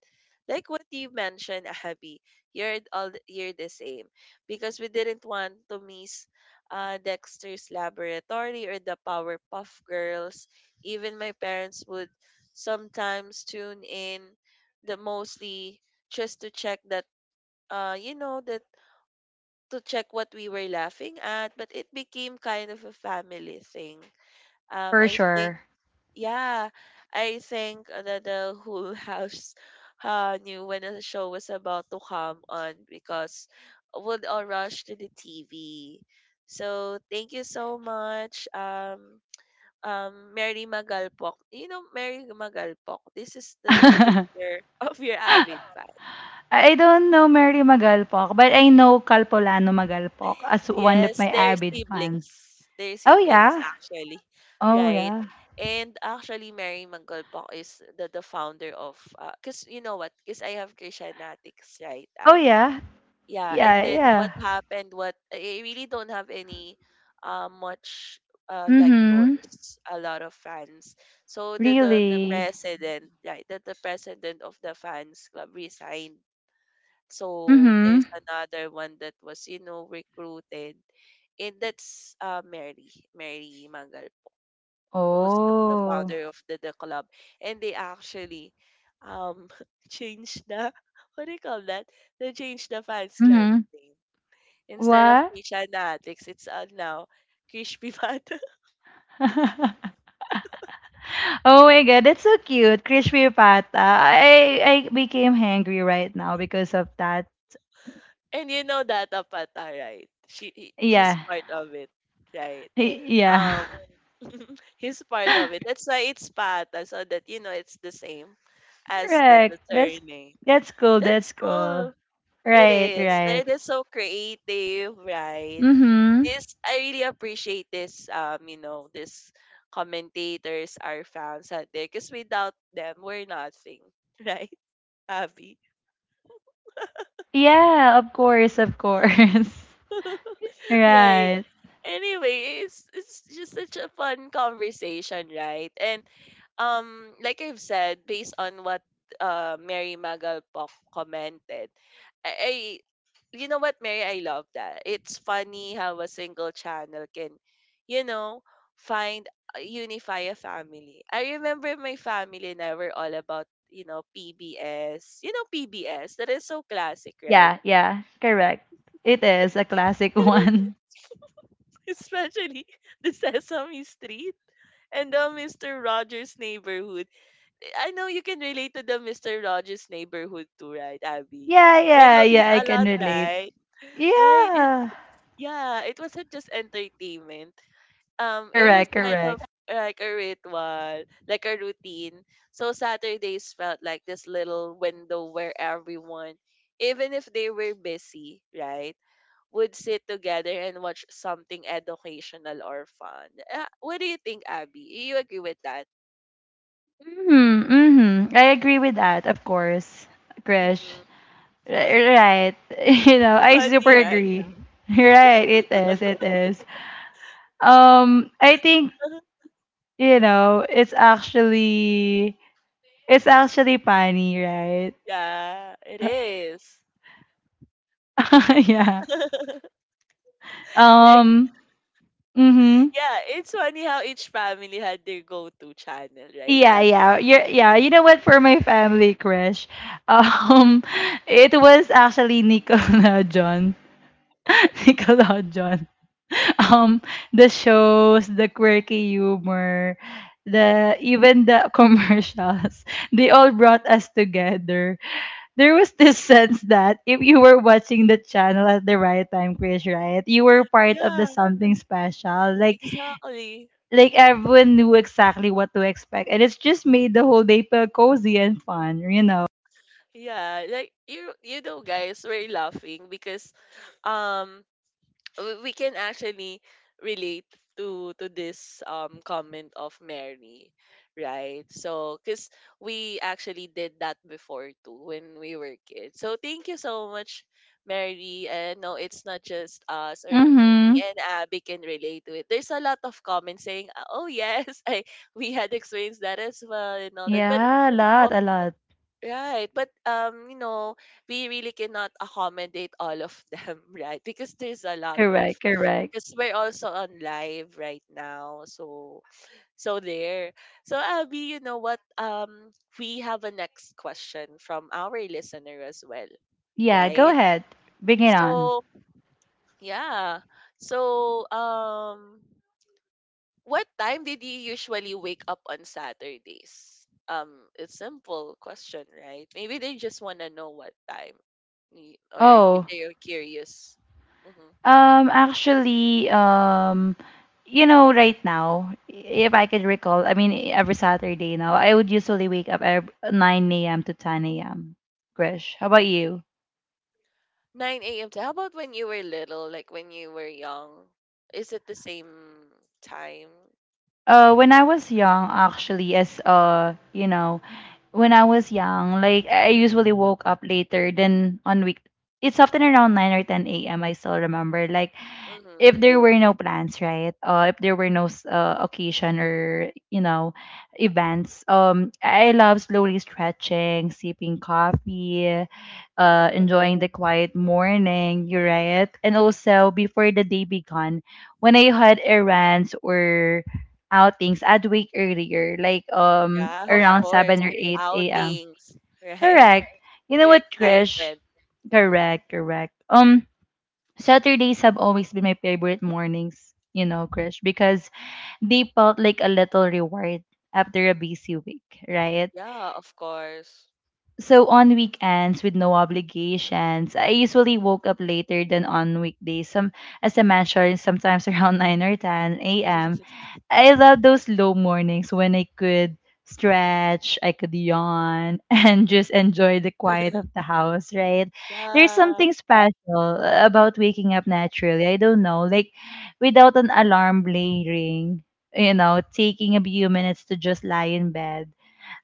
S1: Like what you mentioned, *laughs* Abby, you're the same, because we didn't want to miss Dexter's Laboratory or the Powerpuff Girls. Even my parents would sometimes tune in, the mostly just to check that, you know, that, to check what we were laughing at, but it became kind of a family thing.
S2: For
S1: I think,
S2: sure.
S1: yeah, I think that the whole *laughs* house knew when a show was about to come on, because would all rush to the TV. So thank you so much, Mary Magalpok. You know Mary Magalpok? This is
S2: *laughs*
S1: the
S2: I
S1: sister *laughs* of your avid fan.
S2: I don't know Mary Magalpok, but I know Calpolano Magalpok as one of
S1: Yes,
S2: my
S1: they're
S2: avid fans.
S1: siblings. They're
S2: Oh
S1: siblings,
S2: yeah.
S1: actually.
S2: Oh
S1: Right?
S2: yeah.
S1: And actually, Mary Magalpok is the founder of... Because you know what? Because I have Christianatics, right,
S2: Oh
S1: Abby?
S2: yeah.
S1: Yeah, and
S2: Yeah,
S1: then
S2: yeah.
S1: what happened, what I really don't have any much, like
S2: Mhm.
S1: yours, a lot of fans. So the
S2: Really?
S1: president, right, that the president of the fans club resigned. So there's
S2: Mhm.
S1: another one that was, you know, recruited. And that's Mary, Mangal, who's the
S2: Oh.
S1: founder of the club. And they actually um *laughs* changed the *laughs* what do you call that, they changed the fans club
S2: Mhm.
S1: name. Instead of
S2: What?
S1: Kisha, it's now Kishpi Bata.
S2: *laughs* Oh my god, that's so cute. Crispy pata. I became hangry right now because of that.
S1: *laughs* And you know that Pata, right? He's
S2: Yeah.
S1: part of it, right?
S2: Yeah.
S1: Um,
S2: *laughs*
S1: *laughs* he's part of it. That's why it's Pata, so that you know it's the same as the
S2: Correct.
S1: surname.
S2: That's cool.
S1: That's
S2: That's cool.
S1: cool. It
S2: Right,
S1: is.
S2: right.
S1: It is so creative, right?
S2: Mm-hmm.
S1: This I really appreciate this. You know, this commentators, our fans out there, because without them, we're nothing, *laughs* right? Abby.
S2: Yeah, of course, of course. *laughs*
S1: *laughs* Right.
S2: Right.
S1: Anyway, it's just such a fun conversation, right? And like I've said, based on what Mary Magalpok commented, I you know what, Mary, I love that. It's funny how a single channel can, you know, find, unify a family. I remember my family and I were all about, you know, PBS. You know PBS, that is so classic, right?
S2: Yeah, yeah, correct. It is a classic
S1: *laughs*
S2: one. *laughs*
S1: Especially the Sesame Street. And the Mr. Rogers neighborhood. I know you can relate to the Mr. Rogers neighborhood too, right, Abby?
S2: Yeah,
S1: You
S2: yeah,
S1: know this
S2: yeah, I
S1: a
S2: can
S1: lot,
S2: relate.
S1: right? Right?
S2: Yeah.
S1: Yeah, it wasn't just entertainment. It was
S2: Correct,
S1: kind of
S2: correct.
S1: like a ritual, like a routine. So Saturdays felt like this little window where everyone, even if they were busy, right, would sit together and watch something educational or fun. What do you think, Abby? You agree with that?
S2: Mm-hmm, mm-hmm. I agree with that, of course, Krish.
S1: Mm-hmm.
S2: R- right. *laughs* You know, I super
S1: Funny, right?
S2: agree. Right, it is, it is. I think,
S1: *laughs*
S2: you know, It's actually funny, right?
S1: Yeah, it is.
S2: *laughs* Yeah.
S1: *laughs* Like,
S2: Um. Mm-hmm.
S1: yeah, it's funny how each family had their go-to channel, right,
S2: Yeah,
S1: Ab?
S2: yeah. Yeah. You know what? For my family crush, um, *laughs* it was actually Nickelodeon. *laughs* Nickelodeon. Um, the shows, the quirky humor, the even the *laughs* commercials. They all brought us together. There was this *laughs* sense that if you were watching the channel at the right time, Chris, right, you were part of
S1: Yeah,
S2: the something special.
S1: exactly.
S2: Like everyone knew exactly what to expect, and it's just made the whole day feel cozy and fun. You know.
S1: Yeah, like you know, guys, we're laughing because um we can actually relate to this comment of Mary, right? So, cause we actually did that before too when we were kids. So thank you so much, Mary. And no, it's not just us, or me
S2: Mm-hmm.
S1: and Abby can relate to it. There's a lot of comments saying, "Ah, Oh yes, *laughs* I we had experienced that as well and all that." But
S2: Yeah, a lot,
S1: of,
S2: a lot.
S1: right, but you know, we really cannot accommodate all of them, *laughs* right? Because there's a lot of,
S2: Correct, correct.
S1: because we're also on live right now. So there, so Abby, you know what, we have a next question from our listener as well,
S2: Yeah, go
S1: right?
S2: ahead. Bring it on.
S1: So yeah, so what time did you usually wake up on Saturdays? It's simple question, right? Maybe they just want to know what time, or you're,
S2: Oh,
S1: curious. Mm-hmm.
S2: Actually, you know, right now, if I could recall, I mean, every Saturday now, I would usually wake up at 9 a.m. to 10 a.m. Grish, how about you?
S1: 9 a.m. to, how about when you were little, like when you were young? Is it the same time?
S2: When I was young, actually, as you know, when I was young, like I usually woke up later than on week. It's often around 9 or 10 a.m. I still remember. Like
S1: Mm-hmm.
S2: if there were no plans, right, if there were no occasion or, you know, events, I love slowly stretching, sipping coffee,
S1: Mm-hmm.
S2: enjoying the quiet morning, you're right, and also before the day began, when I had errands or outings, I'd wake earlier, like
S1: Yeah, of
S2: around
S1: course.
S2: 7 or
S1: It's
S2: 8 a.m.
S1: outings, *laughs* right?
S2: Correct. You know
S1: You're
S2: what, Trish,
S1: excited. Mm-hmm.
S2: correct, correct. Saturdays have always been my favorite mornings, you know, Krish, because they felt like a little reward after a busy week, right?
S1: Yeah, of course.
S2: So on weekends with no obligations, I usually woke up later than on weekdays. Some As I mentioned, sometimes *laughs* around 9 or 10 a.m.
S1: *laughs*
S2: I love those low mornings when I could stretch, I could yawn, *laughs* and just enjoy the quiet of the house, right? There's
S1: Yeah,
S2: something special about waking up naturally. I don't know, like without an alarm blaring, you know, taking a few minutes to just lie in bed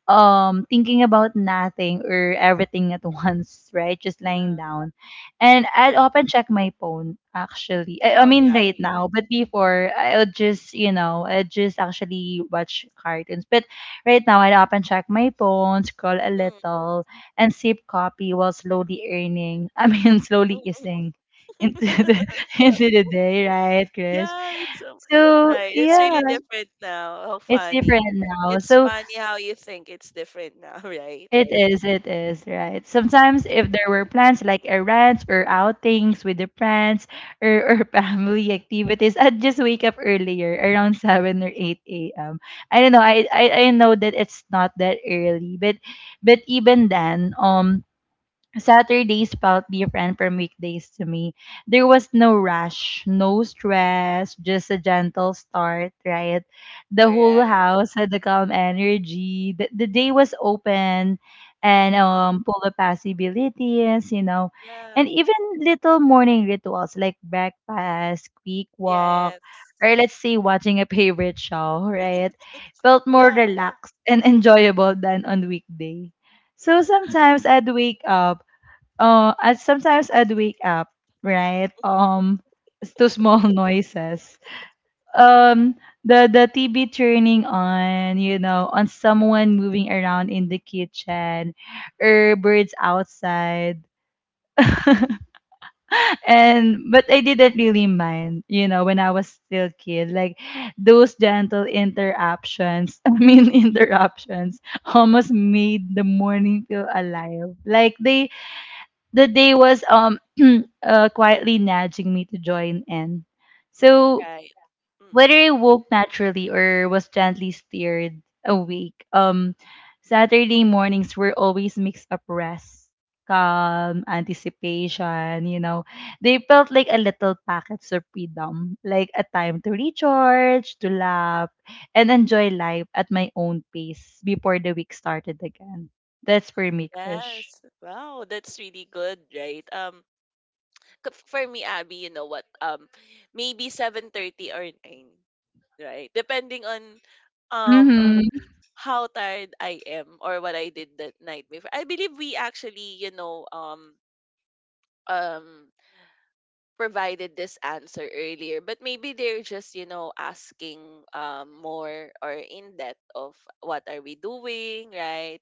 S2: thinking about nothing or everything at *laughs* once, right? Just lying
S1: yeah.
S2: down. And
S1: Mhm.
S2: I'd often check my phone actually. I
S1: Oh,
S2: mean
S1: yeah.
S2: right now, but before I'll just, you know, I just actually watch cartoons. But right now I'd often check my phone, scroll a
S1: Mm,
S2: little, and sip coffee while slowly earning. I mean *laughs* slowly
S1: mm,
S2: easing
S1: mm.
S2: into the
S1: *laughs*
S2: *laughs* into the day, right, Chris?
S1: Yeah, it's
S2: So
S1: right. It's
S2: yeah,
S1: really different now. How
S2: it's
S1: funny.
S2: different now.
S1: It's
S2: So
S1: funny how you think it's different now, *laughs* right?
S2: it is, it is, right. Sometimes
S1: Mm-hmm.
S2: if there were plans like errands or outings with the friends or *laughs* family activities, I'd just wake up earlier, around 7 or 8 a.m. I don't know, I know that it's not that early, but even then, Saturdays felt different from weekdays to me. There was no rush, no stress, just a gentle start, right? The whole
S1: Correct.
S2: house had the calm energy. The day was open and
S1: Mm-hmm.
S2: full of possibilities, you know. And
S1: Yeah.
S2: even little morning rituals like breakfast, quick walk,
S1: Yes.
S2: or let's say watching a favorite show, *laughs* right? Felt more
S1: Yeah,
S2: relaxed and *laughs* enjoyable than on weekday. So sometimes I'd wake up uh as sometimes I'd wake up, right? It's to small *laughs* noises. Um the TV turning on, you know, on someone moving around in the kitchen or birds outside. *laughs* And but I didn't really mind, you know, when I was still kid, like those gentle interruptions. *laughs* I mean interruptions almost made the morning feel alive. The day was *clears throat* quietly nudging me to join in. So
S1: right.
S2: whether
S1: Mm-mm.
S2: I woke naturally or was gently steered awake, Saturday mornings were always mixed up rest, calm, anticipation. You know, they felt like a little packets of freedom, like a time to recharge, to laugh, and enjoy life at my own pace before the week started again. That's for me, Krish.
S1: Yes. Wow, that's really good, right? For me, Abby, you know what? Maybe 7:30 or 9, right? Depending on um
S2: Mm-hmm.
S1: how tired I am or what I did that night before. I believe we actually, you know, um provided this answer earlier, but maybe they're just, you know, asking, more or in depth of what are we doing, right?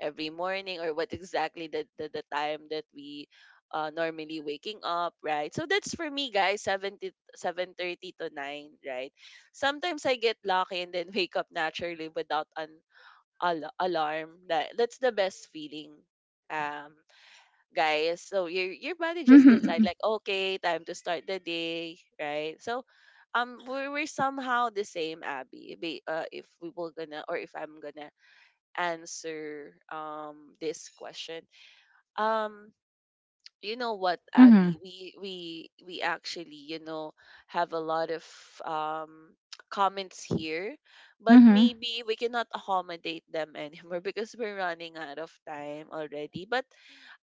S1: Every morning, or what exactly the time that we normally waking up, right? So that's for me, guys, seven to 7:30 to 9, right? Sometimes I get lucky and then *laughs* wake up naturally without an alarm. That's the best feeling. Um, Guys. So your body just decide like, okay, time to start the day, right? So we're somehow the same, Abby. Be If we were gonna, or if I'm gonna answer this question, um you know what,
S2: Mhm.
S1: Abby, we actually, you know, have a lot of um *tsk* comments here, but
S2: Mhm.
S1: maybe we cannot accommodate them anymore *laughs* because we're running out of time already. But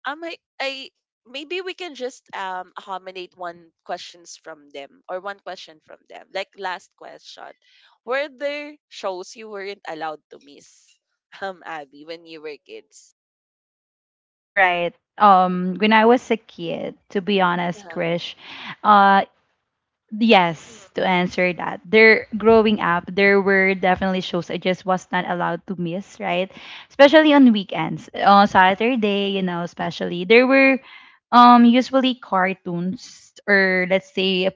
S1: I maybe we can just accommodate one questions from them, or one question from them. Like, last question, were there shows you weren't allowed to miss, *laughs* Abby, when you were kids?
S2: Right. When I was a kid, to be honest,
S1: Yeah.
S2: Krish, uh yes,
S1: Mhm.
S2: to answer that. There growing up, there were definitely shows I just was not allowed to miss, right? Especially on weekends. On Saturday, you know, especially there were usually cartoons or let's say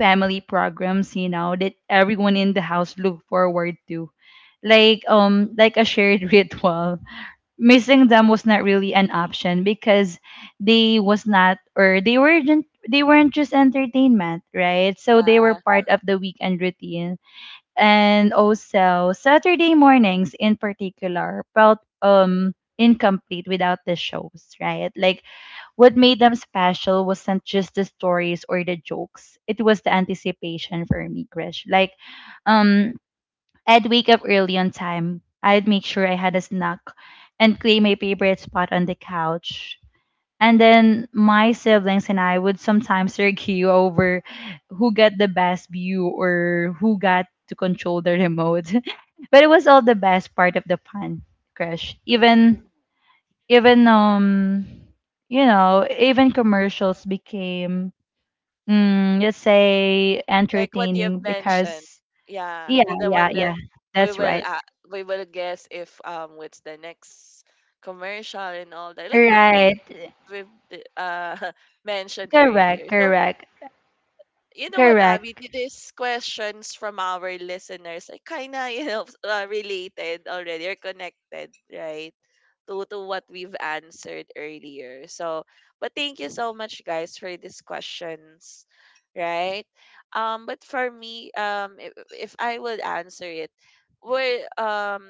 S2: family programs, you know, that everyone in the house look forward to. Like a shared *laughs* ritual. Missing them was not really an option because they was not or they weren't just entertainment, right? So they were
S1: Yeah.
S2: part of the weekend routine. And also Saturday mornings in particular felt
S1: Mhm.
S2: incomplete without the shows, right? Like what made them special wasn't just the stories or the jokes, it was the anticipation for me, crush. Like um I'd wake up early on time. I'd make sure I had a snack and claim my favorite spot on the couch. And then my siblings and I would sometimes *laughs* argue over who got the best view or who got to control the remote. *laughs* But it was all the best part of the fun, Crush.
S1: Mhm.
S2: Even you know,
S1: Mhm.
S2: even commercials became
S1: Mhm.
S2: mm, let's say
S1: Like what you have
S2: entertaining
S1: mentioned.
S2: because
S1: Yeah,
S2: yeah,
S1: the
S2: yeah,
S1: one that
S2: yeah.
S1: we
S2: That's
S1: will
S2: right.
S1: uh, we will guess if what's the next commercial and all that. Like what
S2: Right.
S1: we've *laughs* mentioned
S2: Correct,
S1: earlier. So
S2: correct,
S1: you know what, Abby?
S2: correct.
S1: These questions from our listeners are kind of, you know, *laughs* related already or connected, right? To what we've answered earlier. So, but thank you so much, guys, for these questions, right? But for me, if I would answer it, we're, um,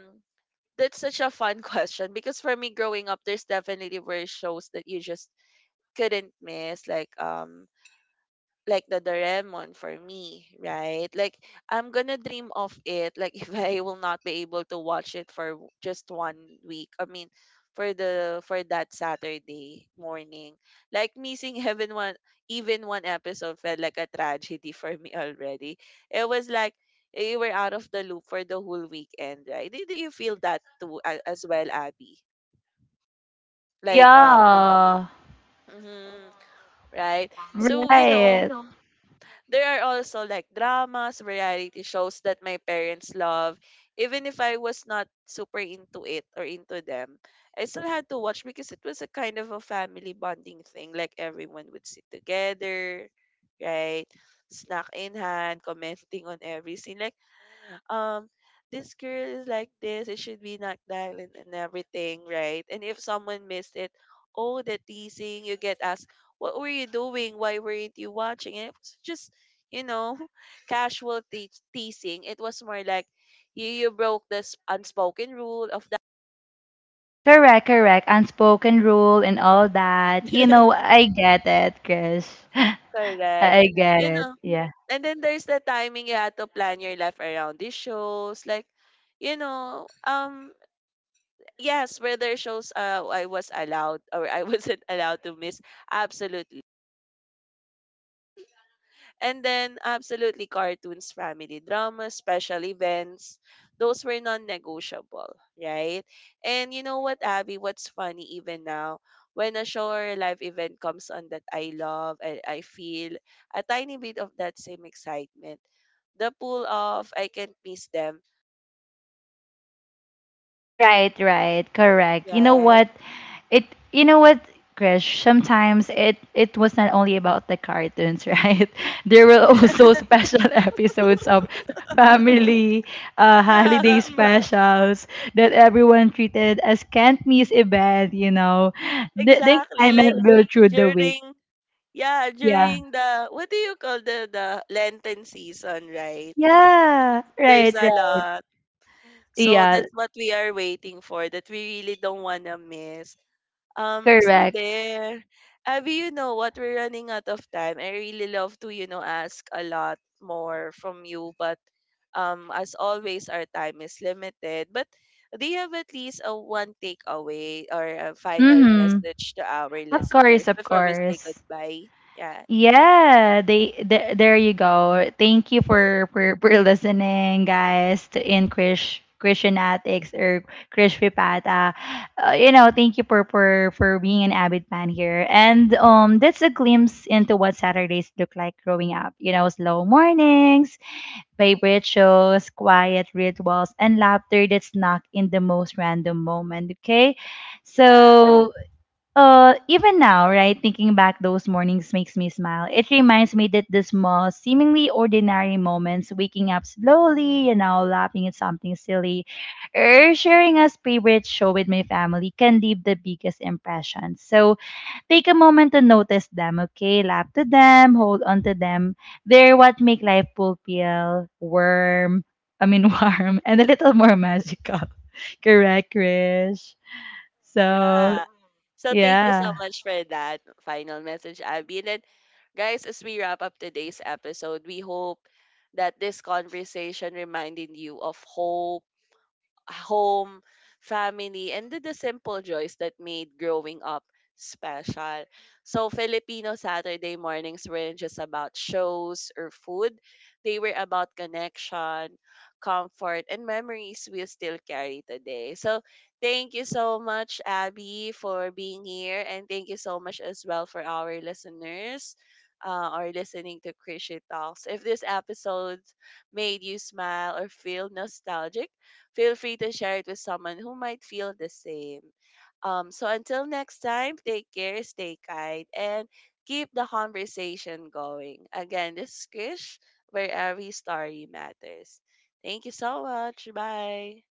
S1: that's such a fun *laughs* question because for me growing up, there's definitely were shows that you just couldn't miss, like the Doraemon for me, right? Like I'm gonna dream of it. Like *laughs* if I will not be able to watch it for just 1 week, I mean, for the for that Saturday morning, like missing even one episode felt like a tragedy *laughs* for me already. It was like you were out of the loop for the whole weekend, right? Did you feel that too as well, Abby? Like
S2: Yeah.
S1: mhm, right? So you know.
S2: Right.
S1: There are also like dramas, variety shows that my parents love. Even if I was not super into it or into them, I still had to watch because it was a kind of a family bonding thing. Like everyone would sit together, right? Snack in hand, commenting on every scene. Like um this girl is like this, it should be not violent and everything, right? And if someone missed it, oh, the teasing you get, asked what were you doing, why weren't you watching, it was just, you know, *laughs* casual teasing, it was more like you broke this unspoken rule of that.
S2: Correct, correct. Unspoken rule and all that. You know,
S1: *laughs*
S2: I get it, Chris. *laughs*
S1: Correct,
S2: I get
S1: you
S2: it.
S1: know.
S2: Yeah.
S1: And then there's the timing, you had to plan your life around these shows, like, you know, Yes, where there shows I was allowed *laughs* or I wasn't *laughs* allowed to miss. Absolutely. And then, absolutely, cartoons, family dramas, special events, those were non negotiable, right? And you know what, Abby, what's funny even now, when a show or a live event comes on that I love, I feel a tiny bit of that same excitement. The pull off, I can't miss them,
S2: Right, right. Correct. You know
S1: right?
S2: what? It You know what, Krish, sometimes it was not only about the cartoons, right? *laughs* There were also special *laughs* episodes of
S1: *laughs*
S2: family
S1: Yeah,
S2: holiday *laughs* specials that everyone treated as can't miss event, you know. The
S1: exactly. Like,
S2: excitement will through the week.
S1: during, yeah,
S2: Yeah.
S1: during the what do you call the Lenten season, right?
S2: Yeah. Right,
S1: There's a
S2: right.
S1: lot. So
S2: Yeah,
S1: that's what we are waiting for that we really don't want to miss. So
S2: correct.
S1: there, Abby, you know what, we're running out of time. I really love to, you know, ask a lot more from you, but as always our time is limited. But do you have at least a one takeaway or a final
S2: Mm-hmm.
S1: message to our
S2: Of
S1: listeners
S2: course, of
S1: before we say
S2: course.
S1: goodbye? Yeah.
S2: Yeah, there you go. Thank you for listening, guys, to in Krish Christian Attics or Krish Pipata. You know, thank you for being an avid fan here. And that's a glimpse into what Saturdays look like growing up. You know, slow mornings, favorite shows, quiet rituals, and laughter that snuck in the most random moment, okay?
S1: Yeah.
S2: So even now, right, thinking back those mornings makes me smile. It reminds me that the small, seemingly ordinary moments, waking up slowly, you know, laughing at something silly, or sharing a favorite show with my family can leave the biggest impression. So take a moment to notice them, okay? Laugh to them, hold on to them. They're what make life fulfill, warm, I mean *laughs* warm, and a little more magical. *laughs* Correct, Krish. So
S1: Yeah. So thank you so
S2: yeah.
S1: much for that final message, Abby. And then, guys, as we wrap up today's episode, we hope that this conversation reminded you of hope, home, family, and the simple joys that made growing up special. So Filipino Saturday mornings weren't just about shows or food. They were about connection, comfort, and memories we still carry today. So thank you so much, Abby, for being here. And thank you so much as well for our listeners, or listening to Christian Talks. If this episode made you smile or feel nostalgic, feel free to share it with someone who might feel the same. So until next time, take care, stay kind, and keep the conversation going. Again, this is Krish, where every story matters. Thank you so much. Bye.